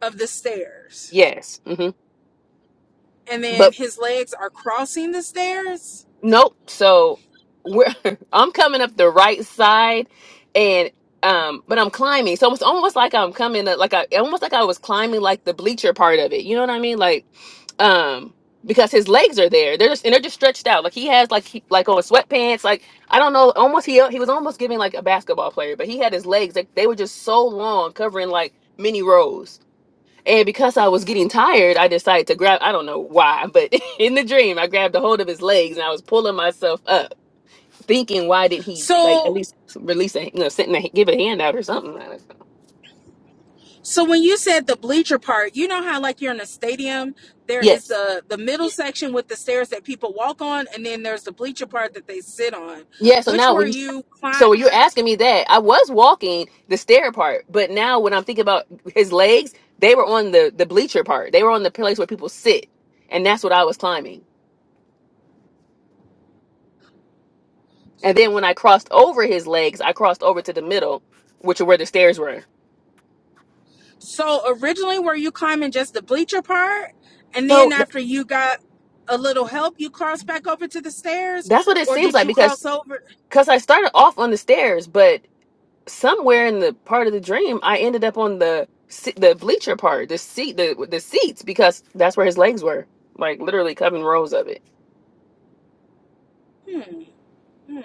of the stairs. Yes. hmm And then his legs are crossing the stairs. Nope. So we're I'm coming up the right side and um but I'm climbing. So it's almost like I'm coming up like I almost like I was climbing like the bleacher part of it. You know what I mean? Like um because his legs are there. They're just and they're just stretched out. Like he has like he, like on sweatpants. Like I don't know, almost he he was almost giving like a basketball player, but he had his legs like they were just so long covering like many rows. And because I was getting tired, I decided to grab, I don't know why, but in the dream, I grabbed a hold of his legs and I was pulling myself up, thinking, why didn't he, like, at So least release a, you know, send a, give a hand out or something? I don't know. so when you said the bleacher part, you know how like you're in a stadium, there is Yes. the the middle section with the stairs that people walk on and then there's the bleacher part that they sit on. Yeah. So Which now were when you, you so when climbing? you're asking me that, I was walking the stair part, but now when I'm thinking about his legs, they were on the, the bleacher part. They were on the place where people sit. And that's what I was climbing. And then when I crossed over his legs, I crossed over to the middle, which are where the stairs were. So originally, were you climbing just the bleacher part, and then So after you got a little help, you crossed back over to the stairs, That's what it or seems did like you because cross over? because I started off on the stairs, but somewhere in the part of the dream, I ended up on the se- the bleacher part, the seat, the the seats, because that's where his legs were, like literally covering rows of it. Hmm, hmm,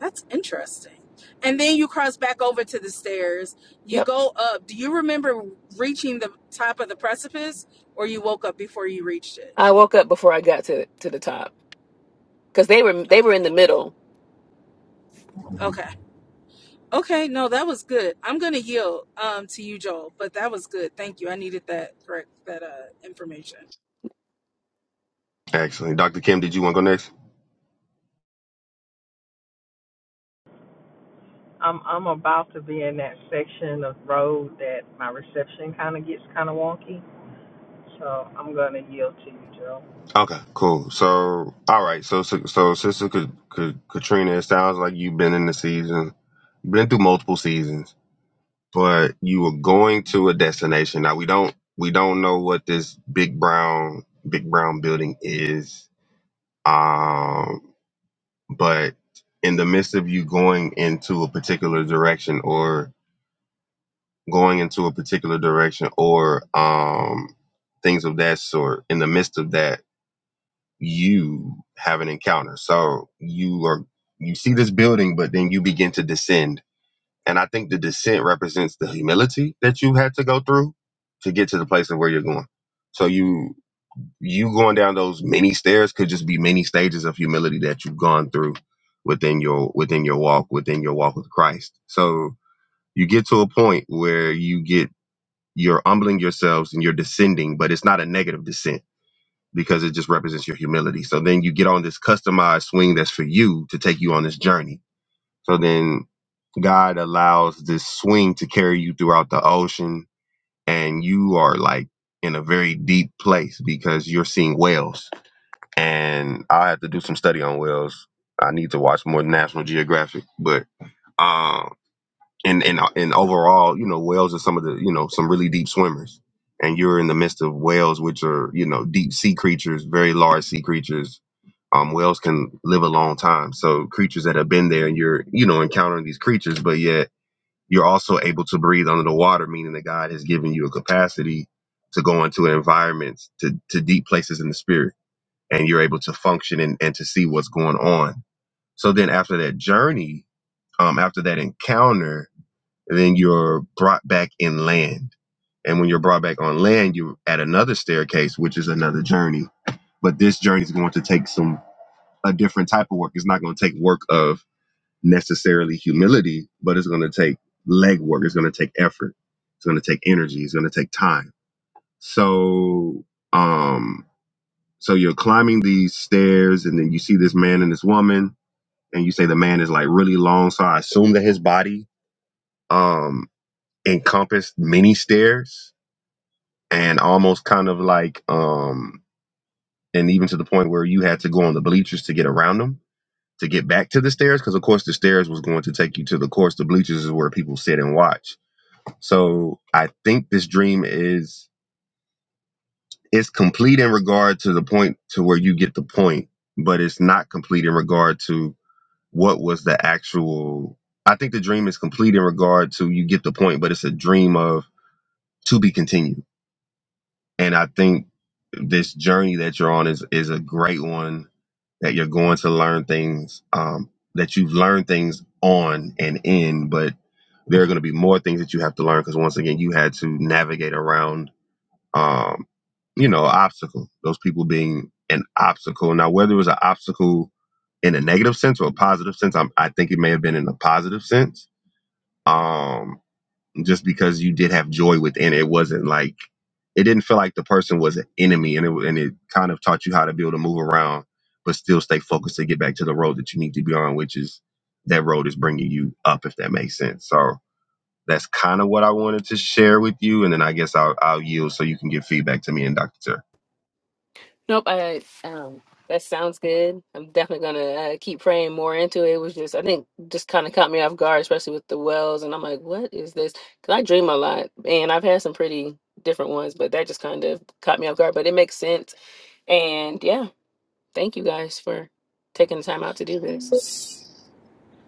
that's interesting. And then you cross back over to the stairs. You Yep, go up. Do you remember reaching the top of the precipice, or you woke up before you reached it? I woke up before I got to to the top because they were they were in Okay, the middle, okay, okay. No, that was good. I'm gonna yield um to you, Joel, but that was good. Thank you. I needed that correct that uh information. Excellent, Dr. Kim. Did you want to go next? I'm I'm about to be in that section of road that my reception kind of gets kind of wonky, so I'm gonna yield to you, Joe. Okay, cool. So all right, so so, so sister Ka- Ka- Katrina, it sounds like you've been in the season, been through multiple seasons. but you were going to a destination. Now we don't we don't know what this big brown big brown building is. Um, but in the midst of you going into a particular direction or going into a particular direction or um things of that sort, in the midst of that, you have an encounter. So you are you see this building, but then you begin to descend And I think the descent represents the humility that you had to go through to get to the place of where you're going. So you you going down those many stairs could just be many stages of humility that you've gone through within your within your walk, within your walk with Christ. So you get to a point where you get you're humbling yourselves and you're descending, but it's not a negative descent because it just represents your humility. So then you get on this customized swing that's for you to take you on this journey. So then God allows this swing to carry you throughout the ocean, and you are like in a very deep place because you're seeing whales. And I'll have to do some study on whales. I need to watch more National Geographic, but um, and and and overall, you know, whales are some of the you know some really deep swimmers, and you're in the midst of whales, which are you know deep sea creatures, very large sea creatures. Um, whales can live a long time, so creatures that have been there, and you're you know encountering these creatures, but yet you're also able to breathe under the water, meaning that God has given you a capacity to go into environments, to, to deep places in the spirit, and you're able to function and, and to see what's going on. So then after that journey, um, after that encounter, then you're brought back in land. And when you're brought back on land, you're at another staircase, which is another journey. But this journey is going to take some a different type of work. It's not going to take work of necessarily humility, but it's going to take legwork. It's going to take effort. It's going to take energy. It's going to take time. So, um, so you're climbing these stairs, and then you see this man and this woman, and you say the man is like really long. So I assume that his body um encompassed many stairs, and almost kind of like um, and even to the point where you had to go on the bleachers to get around them to get back to the stairs because of course the stairs was going to take you to the course the bleachers is where people sit and watch So I think this dream is it's complete in regard to the point to where you get the point, but it's not complete in regard to what was the actual I think the dream is complete in regard to you get the point, but it's a dream of to be continued. And I think this journey that you're on is is a great one that you're going to learn things um that you've learned things on and in, but there are going to be more things that you have to learn because once again you had to navigate around um, you know, obstacle. Those people being an obstacle. Now, whether it was an obstacle in a negative sense or a positive sense, I'm, I think it may have been in a positive sense. Um, just because you did have joy within it, it wasn't like it didn't feel like the person was an enemy, and it and it kind of taught you how to be able to move around, but still stay focused to get back to the road that you need to be on, which is that road is bringing you up, if that makes sense. So that's kind of what I wanted to share with you, and then I guess I'll, I'll yield so you can give feedback to me and Dr. Nope, I um that sounds good. I'm definitely gonna uh, keep praying more into it. It was just I think just kind of caught me off guard, especially with the wells, and I'm like, what is this? Because I dream a lot, and I've had some pretty different ones, but that just kind of caught me off guard. But it makes sense, and yeah, thank you guys for taking the time out to do this.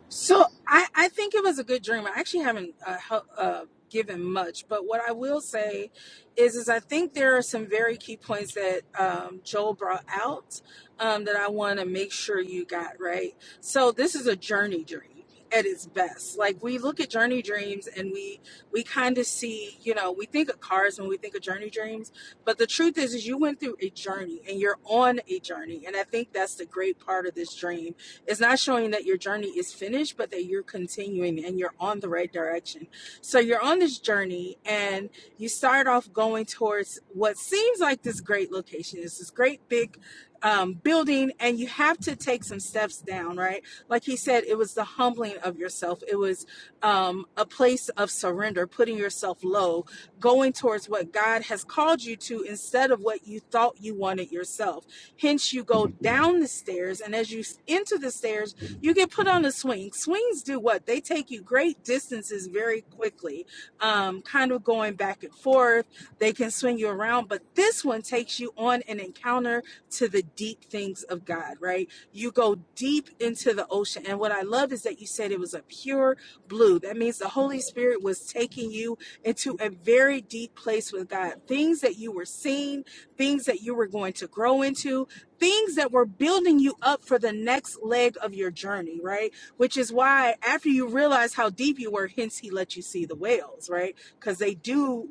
So I, I think it was a good dream. I actually haven't uh, hel- uh, given much, but what I will say is, is I think there are some very key points that um, Joel brought out um, that I want to make sure you got right. So this is a journey dream at its best. Like we look at journey dreams and we we kind of see, you know, we think of cars when we think of journey dreams, but the truth is, is you went through a journey and you're on a journey, and I think that's the great part of this dream it's not showing that your journey is finished, but that you're continuing and you're on the right direction. So you're on this journey and you start off going towards what seems like this great location. It's this great big um, building, and you have to take some steps down, right? Like he said, it was the humbling of yourself. It was um, a place of surrender, putting yourself low, going towards what God has called you to instead of what you thought you wanted yourself. Hence, you go down the stairs, and as you s- enter the stairs, you get put on a swing. Swings do what? They take you great distances very quickly, um, kind of going back and forth. They can swing you around, but this one takes you on an encounter to the deep things of God, right? You go deep into the ocean. And what I love is that you said it was a pure blue. That means the Holy Spirit was taking you into a very deep place with God. Things that you were seeing, things that you were going to grow into, things that were building you up for the next leg of your journey, right? Which is why after you realize how deep you were, hence he let you see the whales, right? Because they do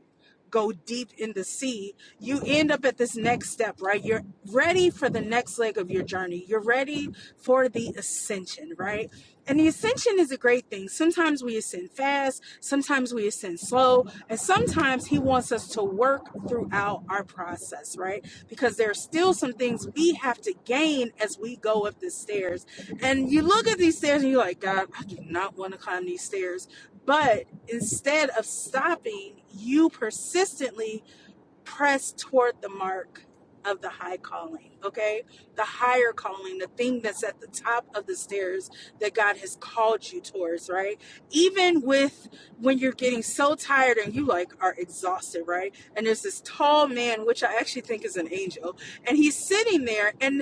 go deep in the sea. You end up at this next step, right? You're ready for the next leg of your journey. You're ready for the ascension, right? And the ascension is a great thing. Sometimes we ascend fast, sometimes we ascend slow, and sometimes he wants us to work throughout our process, right? because there are still some things we have to gain as we go up the stairs. And you look at these stairs and you're like, God, I do not want to climb these stairs. But instead of stopping, you persistently press toward the mark of the high calling, okay? The higher calling, the thing that's at the top of the stairs that God has called you towards, right? Even with when you're getting so tired and you like are exhausted, right? And there's this tall man, which I actually think is an angel, and he's sitting there and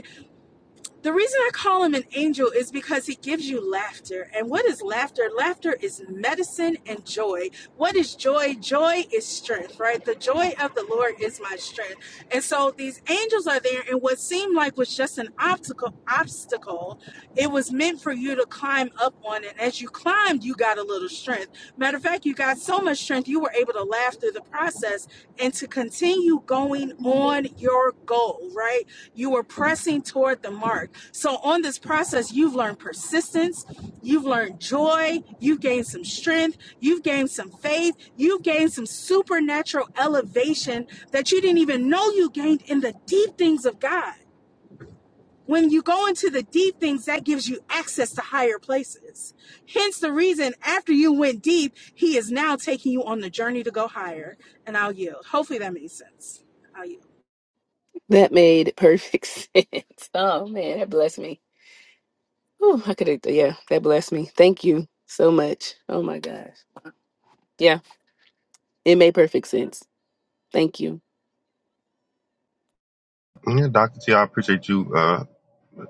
the reason I call him an angel is because he gives you laughter. And what is laughter? Laughter is medicine and joy. What is joy? Joy is strength, right? The joy of the Lord is my strength. And so these angels are there, and what seemed like was just an obstacle, obstacle, it was meant for you to climb up on. And as you climbed, you got a little strength. Matter of fact, you got so much strength, you were able to laugh through the process and to continue going on your goal, right? You were pressing toward the mark. So, on this process, you've learned persistence, you've learned joy, you've gained some strength, you've gained some faith, you've gained some supernatural elevation that you didn't even know you gained in the deep things of God when you go into the deep things, that gives you access to higher places. Hence the reason after you went deep, he is now taking you on the journey to go higher. And I'll yield. Hopefully that made sense. I'll yield. That made perfect sense. Oh man, that blessed me. Oh, I could have, yeah, that blessed me. Thank you so much. Oh my gosh. Yeah, it made perfect sense. Thank you. T. Yeah, Dr. T, I appreciate you uh,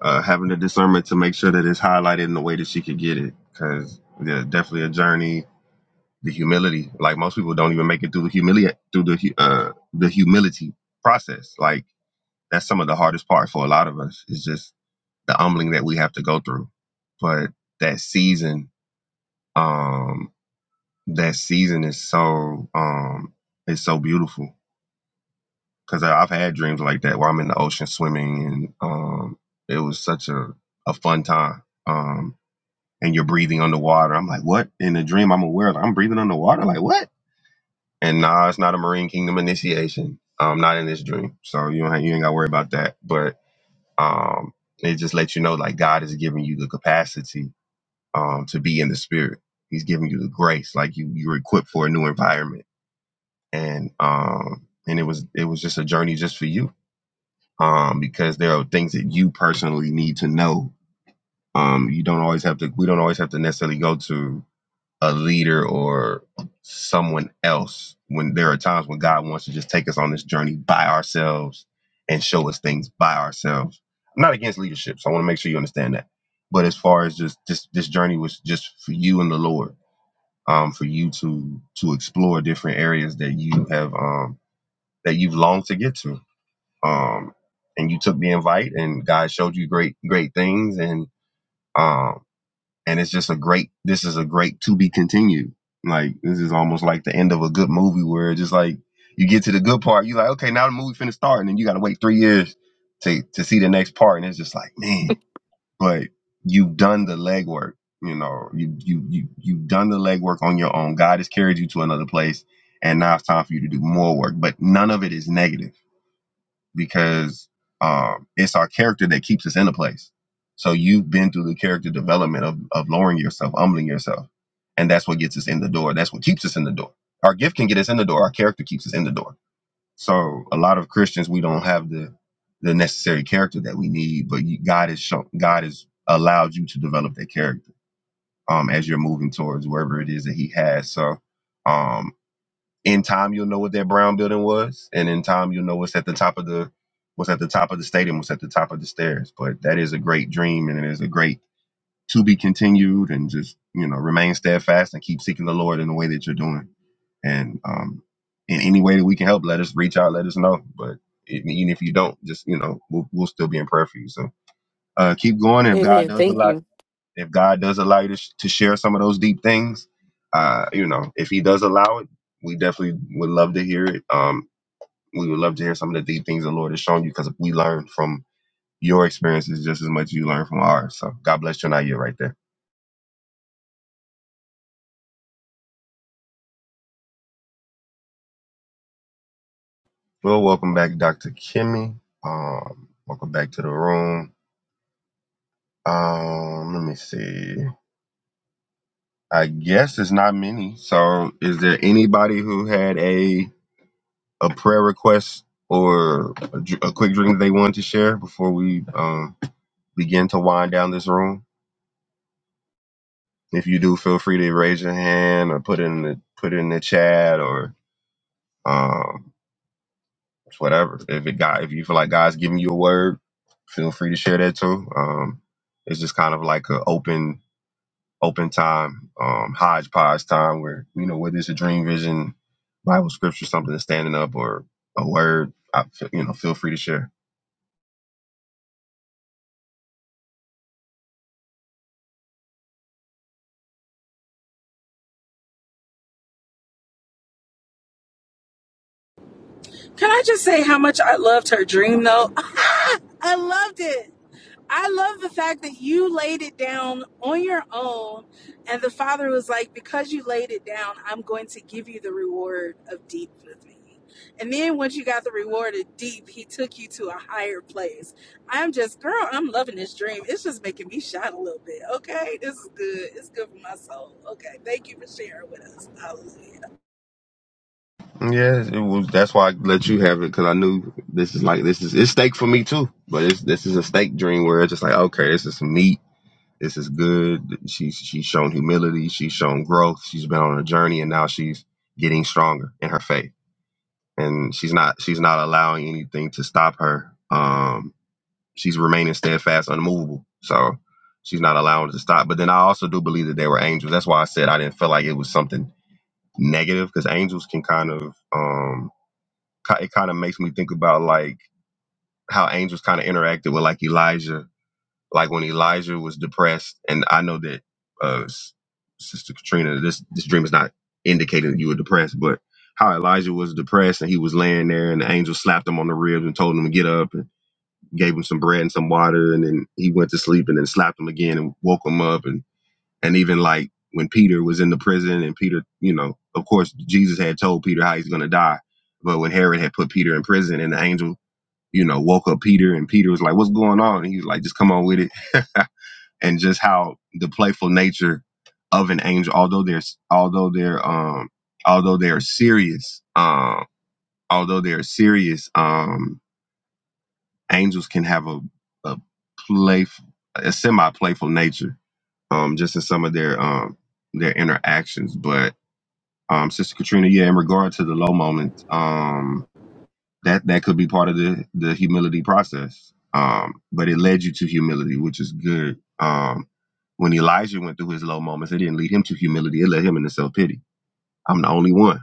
uh, having the discernment to make sure that it's highlighted in the way that she could get it, because yeah, definitely a journey. The humility, like most people, don't even make it through the humili- through the hu- uh, the humility process. Like that's some of the hardest part for a lot of us. Is just the humbling that we have to go through, but that season. Um, that season is so um it's so beautiful because I've had dreams like that where I'm in the ocean swimming and um it was such a a fun time um and you're breathing underwater I'm like what in a dream I'm aware of I'm breathing underwater like what and nah it's not a Marine Kingdom initiation um not in this dream so you don't have, you ain't got to worry about that but um it just lets you know like God is giving you the capacity um to be in the spirit He's giving you the grace like you you're equipped for a new environment and um and it was it was just a journey just for you um because there are things that you personally need to know um you don't always have to we don't always have to necessarily go to a leader or someone else when there are times when God wants to just take us on this journey by ourselves and show us things by ourselves I'm not against leadership so I want to make sure you understand that but as far as just this this journey was just for you and the Lord um for you to to explore different areas that you have um that you've longed to get to. Um, and you took the invite, and God showed you great, great things, and um, and it's just a great. This is a great to be continued. Like this is almost like the end of a good movie, where it's just like you get to the good part, you're like, okay, now the movie finna start, and then you got to wait three years to to see the next part, and it's just like, man, but you've done the legwork. You know, you you you you've done the legwork on your own. God has carried you to another place, and now it's time for you to do more work. But none of it is negative because um, it's our character that keeps us in a place. So you've been through the character development of, of lowering yourself, humbling yourself. And that's what gets us in the door. That's what keeps us in the door. Our gift can get us in the door. Our character keeps us in the door. So a lot of Christians, we don't have the the necessary character that we need, but you, God has shown, God has allowed you to develop that character um, as you're moving towards wherever it is that He has. So um, in time, you'll know what that brown building was, and in time, you'll know what's at the top of the what's at the top of the stadium, what's at the top of the stairs. But that is a great dream, and it is a great to be continued. And just you know, remain steadfast and keep seeking the Lord in the way that you're doing. And um, in any way that we can help, let us reach out, let us know. But even if you don't, just you know, we'll, we'll still be in prayer for you. So uh, keep going. And if God Amen. does Thank allow you. if God does allow you to, sh- to share some of those deep things, uh, you know, if He does allow it, we definitely would love to hear it. Um, we would love to hear some of the deep things the Lord has shown you because we learn from your experiences just as much as you learn from ours. So God bless you and I, you right there. Well, welcome back, Dr. Kimmy. Um, welcome back to the room. Um, let me see. I guess it's not many. So, is there anybody who had a a prayer request or a, dr- a quick drink that they wanted to share before we um, begin to wind down this room? If you do, feel free to raise your hand or put it in the put it in the chat or um, whatever. If it got if you feel like God's giving you a word, feel free to share that too. Um, it's just kind of like an open open time, um, hodgepodge time where you know whether it's a dream vision, Bible scripture, something that's standing up or a word. I, feel- you know, feel free to share. Can I just say how much I loved her dream though? I loved it. I love the fact that you laid it down on your own, and the father was like, Because you laid it down, I'm going to give you the reward of deep with me. And then once you got the reward of deep, he took you to a higher place. I'm just, girl, I'm loving this dream. It's just making me shine a little bit. Okay, this is good. It's good for my soul. Okay, thank you for sharing with us. Hallelujah. Yeah, it was. That's why I let you have it because I knew this is like this is it's steak for me too. But it's this is a steak dream where it's just like okay, this is some meat. This is good. She's she's shown humility. She's shown growth. She's been on a journey, and now she's getting stronger in her faith. And she's not she's not allowing anything to stop her. Um, she's remaining steadfast, unmovable. So she's not allowing it to stop. But then I also do believe that they were angels. That's why I said I didn't feel like it was something negative because angels can kind of um ki- it kind of makes me think about like how angels kind of interacted with like Elijah, like when Elijah was depressed, and I know that uh, S- Sister Katrina, this this dream is not indicating that you were depressed, but how Elijah was depressed and he was laying there, and the angel slapped him on the ribs and told him to get up, and gave him some bread and some water, and then he went to sleep, and then slapped him again and woke him up, and and even like when Peter was in the prison, and Peter, you know, of course Jesus had told Peter how he's gonna die. But when Herod had put Peter in prison and the angel you know, woke up Peter and Peter was like, What's going on? And he was like, Just come on with it. and just how the playful nature of an angel, although they're although they're um although they're serious, um, although they're serious, um, angels can have a a playful a semi playful nature, um, just in some of their um their interactions. But um Sister Katrina, yeah, in regard to the low moments, um that that could be part of the the humility process um but it led you to humility which is good um when elijah went through his low moments it didn't lead him to humility it led him into self-pity i'm the only one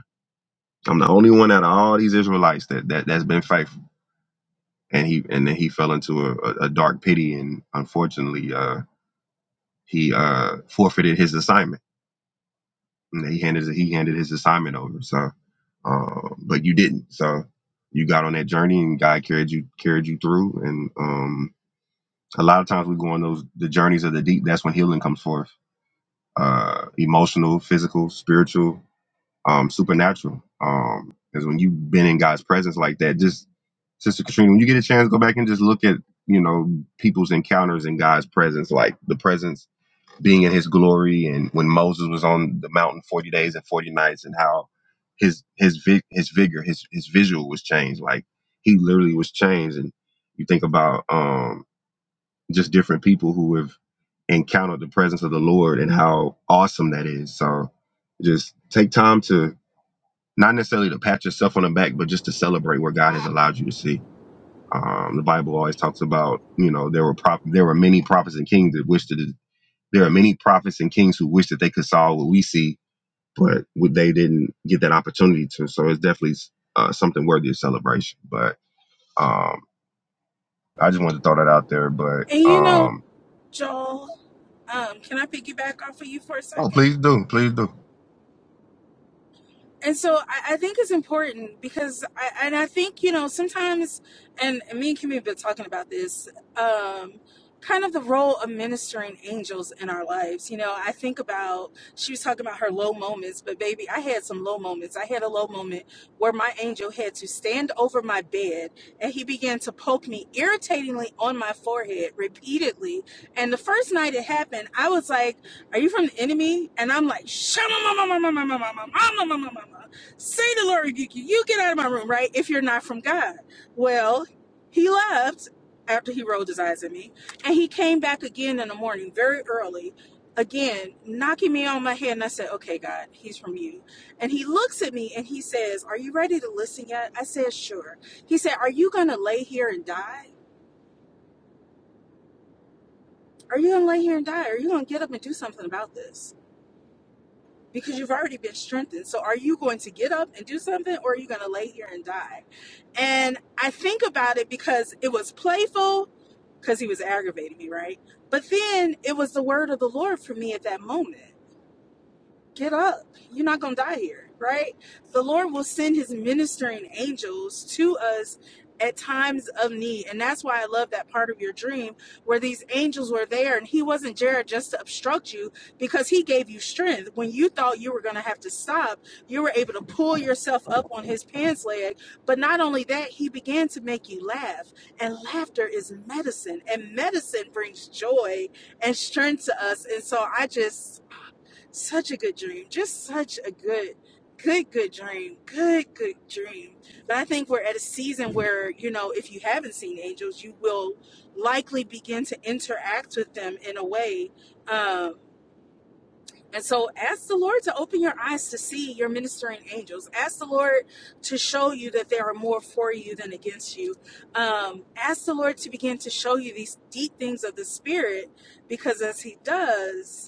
i'm the only one out of all these israelites that, that that's been faithful and he and then he fell into a, a, dark pity and unfortunately uh he uh forfeited his assignment and he handed he handed his assignment over so uh, but you didn't so you got on that journey and god carried you carried you through and um a lot of times we go on those the journeys of the deep that's when healing comes forth uh emotional physical spiritual um supernatural um because when you've been in god's presence like that just sister katrina when you get a chance go back and just look at you know people's encounters in god's presence like the presence being in his glory and when moses was on the mountain 40 days and 40 nights and how his his vi- his vigor his his visual was changed like he literally was changed and you think about um just different people who have encountered the presence of the Lord and how awesome that is. So just take time to not necessarily to pat yourself on the back, but just to celebrate where God has allowed you to see. Um, the Bible always talks about, you know, there were prop- there were many prophets and kings that wished that there are many prophets and kings who wish that they could saw what we see, but would- they didn't get that opportunity to. So it's definitely uh, something worthy of celebration. But um, I just wanted to throw that out there. But And you know, um, Joel, um, can I piggyback off of you for a oh, second? please do, please do. and so I, I think it's important because I and I think you know sometimes and me and Kimmy have been talking about this um kind of the role of ministering angels in our lives you know I think about she was talking about her low moments but baby I had some low moments I had a low moment where my angel had to stand over my bed and he began to poke me irritatingly on my forehead repeatedly and the first night it happened I was like are you from the enemy? And I'm like, Shama mama mama mama mama mama mama mama. Say the Lord rebuke you. You get out of my room, right? If you're not from God. Well, he left after he rolled his eyes at me. And he came back again in the morning, very early, again, knocking me on my head. And I said, Okay, God, he's from you. And he looks at me and he says, Are you ready to listen yet? I said, Sure. He said, Are you gonna lay here and die? Are you gonna lay here and die? Or Are you gonna get up and do something about this? because you've already been strengthened. So are you going to get up and do something or are you going to lay here and die? And I think about it because it was playful because he was aggravating me, right? But then it was the word of the Lord for me at that moment get up. You're not going to die here, right? The Lord will send his ministering angels to us at times of need. And that's why I love that part of your dream where these angels were there and he wasn't Jared just to obstruct you because he gave you strength. When you thought you were going to have to stop, you were able to pull yourself up on his pants leg. But not only that, he began to make you laugh. And laughter is medicine, and medicine brings joy and strength to us. And so I just such a good dream just such a good good good dream good good dream but i think we're at a season where you know if you haven't seen angels you will likely begin to interact with them in a way um and so ask the lord to open your eyes to see your ministering angels ask the lord to show you that there are more for you than against you um, ask the lord to begin to show you these deep things of the spirit because as he does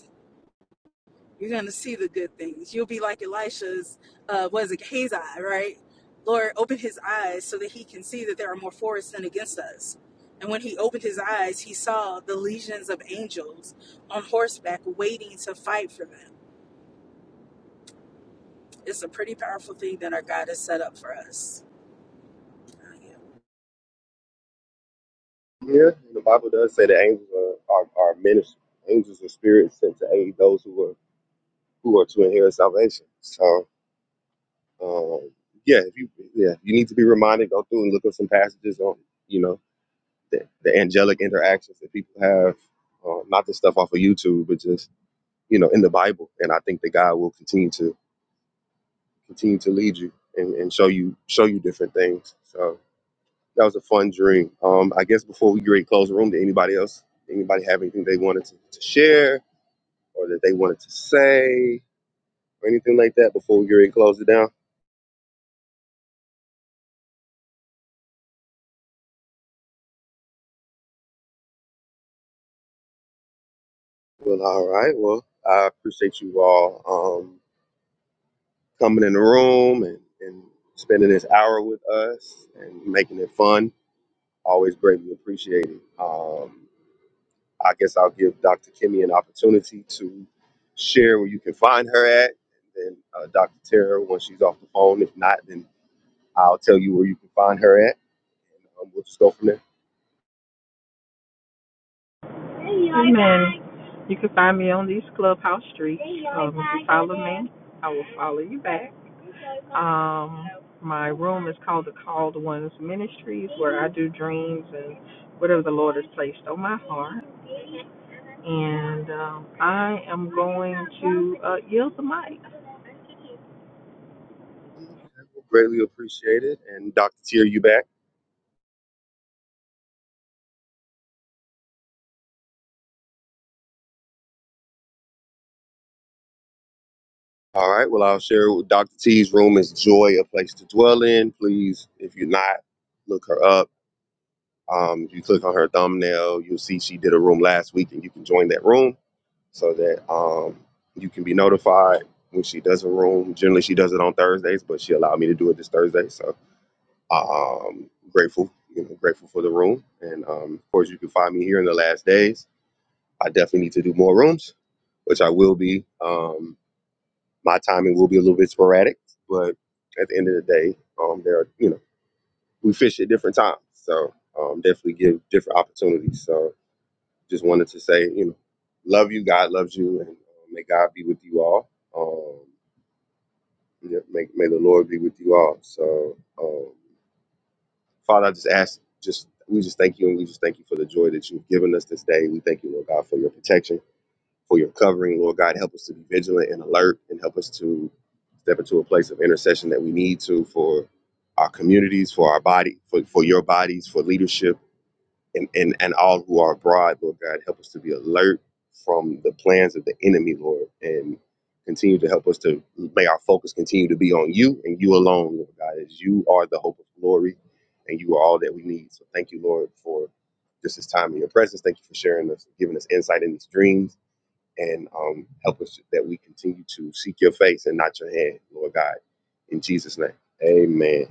you're going to see the good things. You'll be like Elisha's, uh, was it Gehazi, right? Lord, open his eyes so that he can see that there are more for us than against us. And when he opened his eyes, he saw the legions of angels on horseback waiting to fight for them. It's a pretty powerful thing that our God has set up for us. Oh, yeah. Yeah, the Bible does say that angels are, are, are ministers. Angels are spirits sent to aid those who are who are to inherit salvation. So, um, yeah, if you yeah, you need to be reminded. Go through and look up some passages on you know the, the angelic interactions that people have. Uh, not the stuff off of YouTube, but just you know in the Bible. And I think that God will continue to continue to lead you and, and show you show you different things. So. That was a fun dream. Um, I guess before we get ready to close the room, did anybody else, anybody have anything they wanted to, to share or that they wanted to say or anything like that before we get ready to close it down? Well, all right. Well, I appreciate you all um, coming in the room and, and spending this hour with us and making it fun. Always greatly appreciated. Um, I guess I'll give Dr. Kimmy an opportunity to share where you can find her at. And then uh, Dr. Tara, when she's off the phone, if not, then I'll tell you where you can find her at. And um, we'll just go from there. Amen. You can find me on these clubhouse streets. Um, if you follow me, I will follow you back. Um, my room is called the Called Ones Ministries, where I do dreams and whatever the Lord has placed on my heart. And um, I am going to uh, yield the mic. Okay, well, greatly appreciated. And Dr. T, are you back? All right. Well, I'll share with Dr. T's room is joy, a place to dwell in. Please, if you're not, look her up. Um, if you click on her thumbnail, you'll see she did a room last week, and you can join that room so that um, you can be notified when she does a room. Generally, she does it on Thursdays, but she allowed me to do it this Thursday. So um, grateful, you know, grateful for the room. And um, of course, you can find me here in the last days. I definitely need to do more rooms, which I will be. Um, my timing will be a little bit sporadic, but at the end of the day, um, there are, you know, we fish at different times. So um, definitely give different opportunities. So just wanted to say, you know, love you. God loves you. And uh, may God be with you all. Um, yeah, may, may the Lord be with you all. So, um, Father, I just ask, just we just thank you and we just thank you for the joy that you've given us this day. We thank you, Lord God, for your protection, for your covering. Lord God, help us to be vigilant and alert and help us to step into a place of intercession that we need to for our communities, for our body, for, for your bodies, for leadership and, and, and all who are abroad, Lord God. Help us to be alert from the plans of the enemy, Lord, and continue to help us to may our focus continue to be on you and you alone, Lord God, as you are the hope of glory and you are all that we need. So thank you, Lord, for just this time in your presence. Thank you for sharing us, giving us insight in these dreams, and um, help us that we continue to seek your face and not your hand, Lord God. In Jesus' name, amen.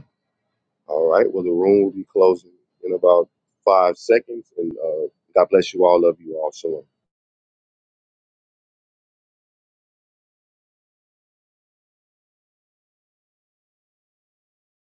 All right. Well, the room will be closing in about five seconds. And uh, God bless you all. Love you all. Shalom.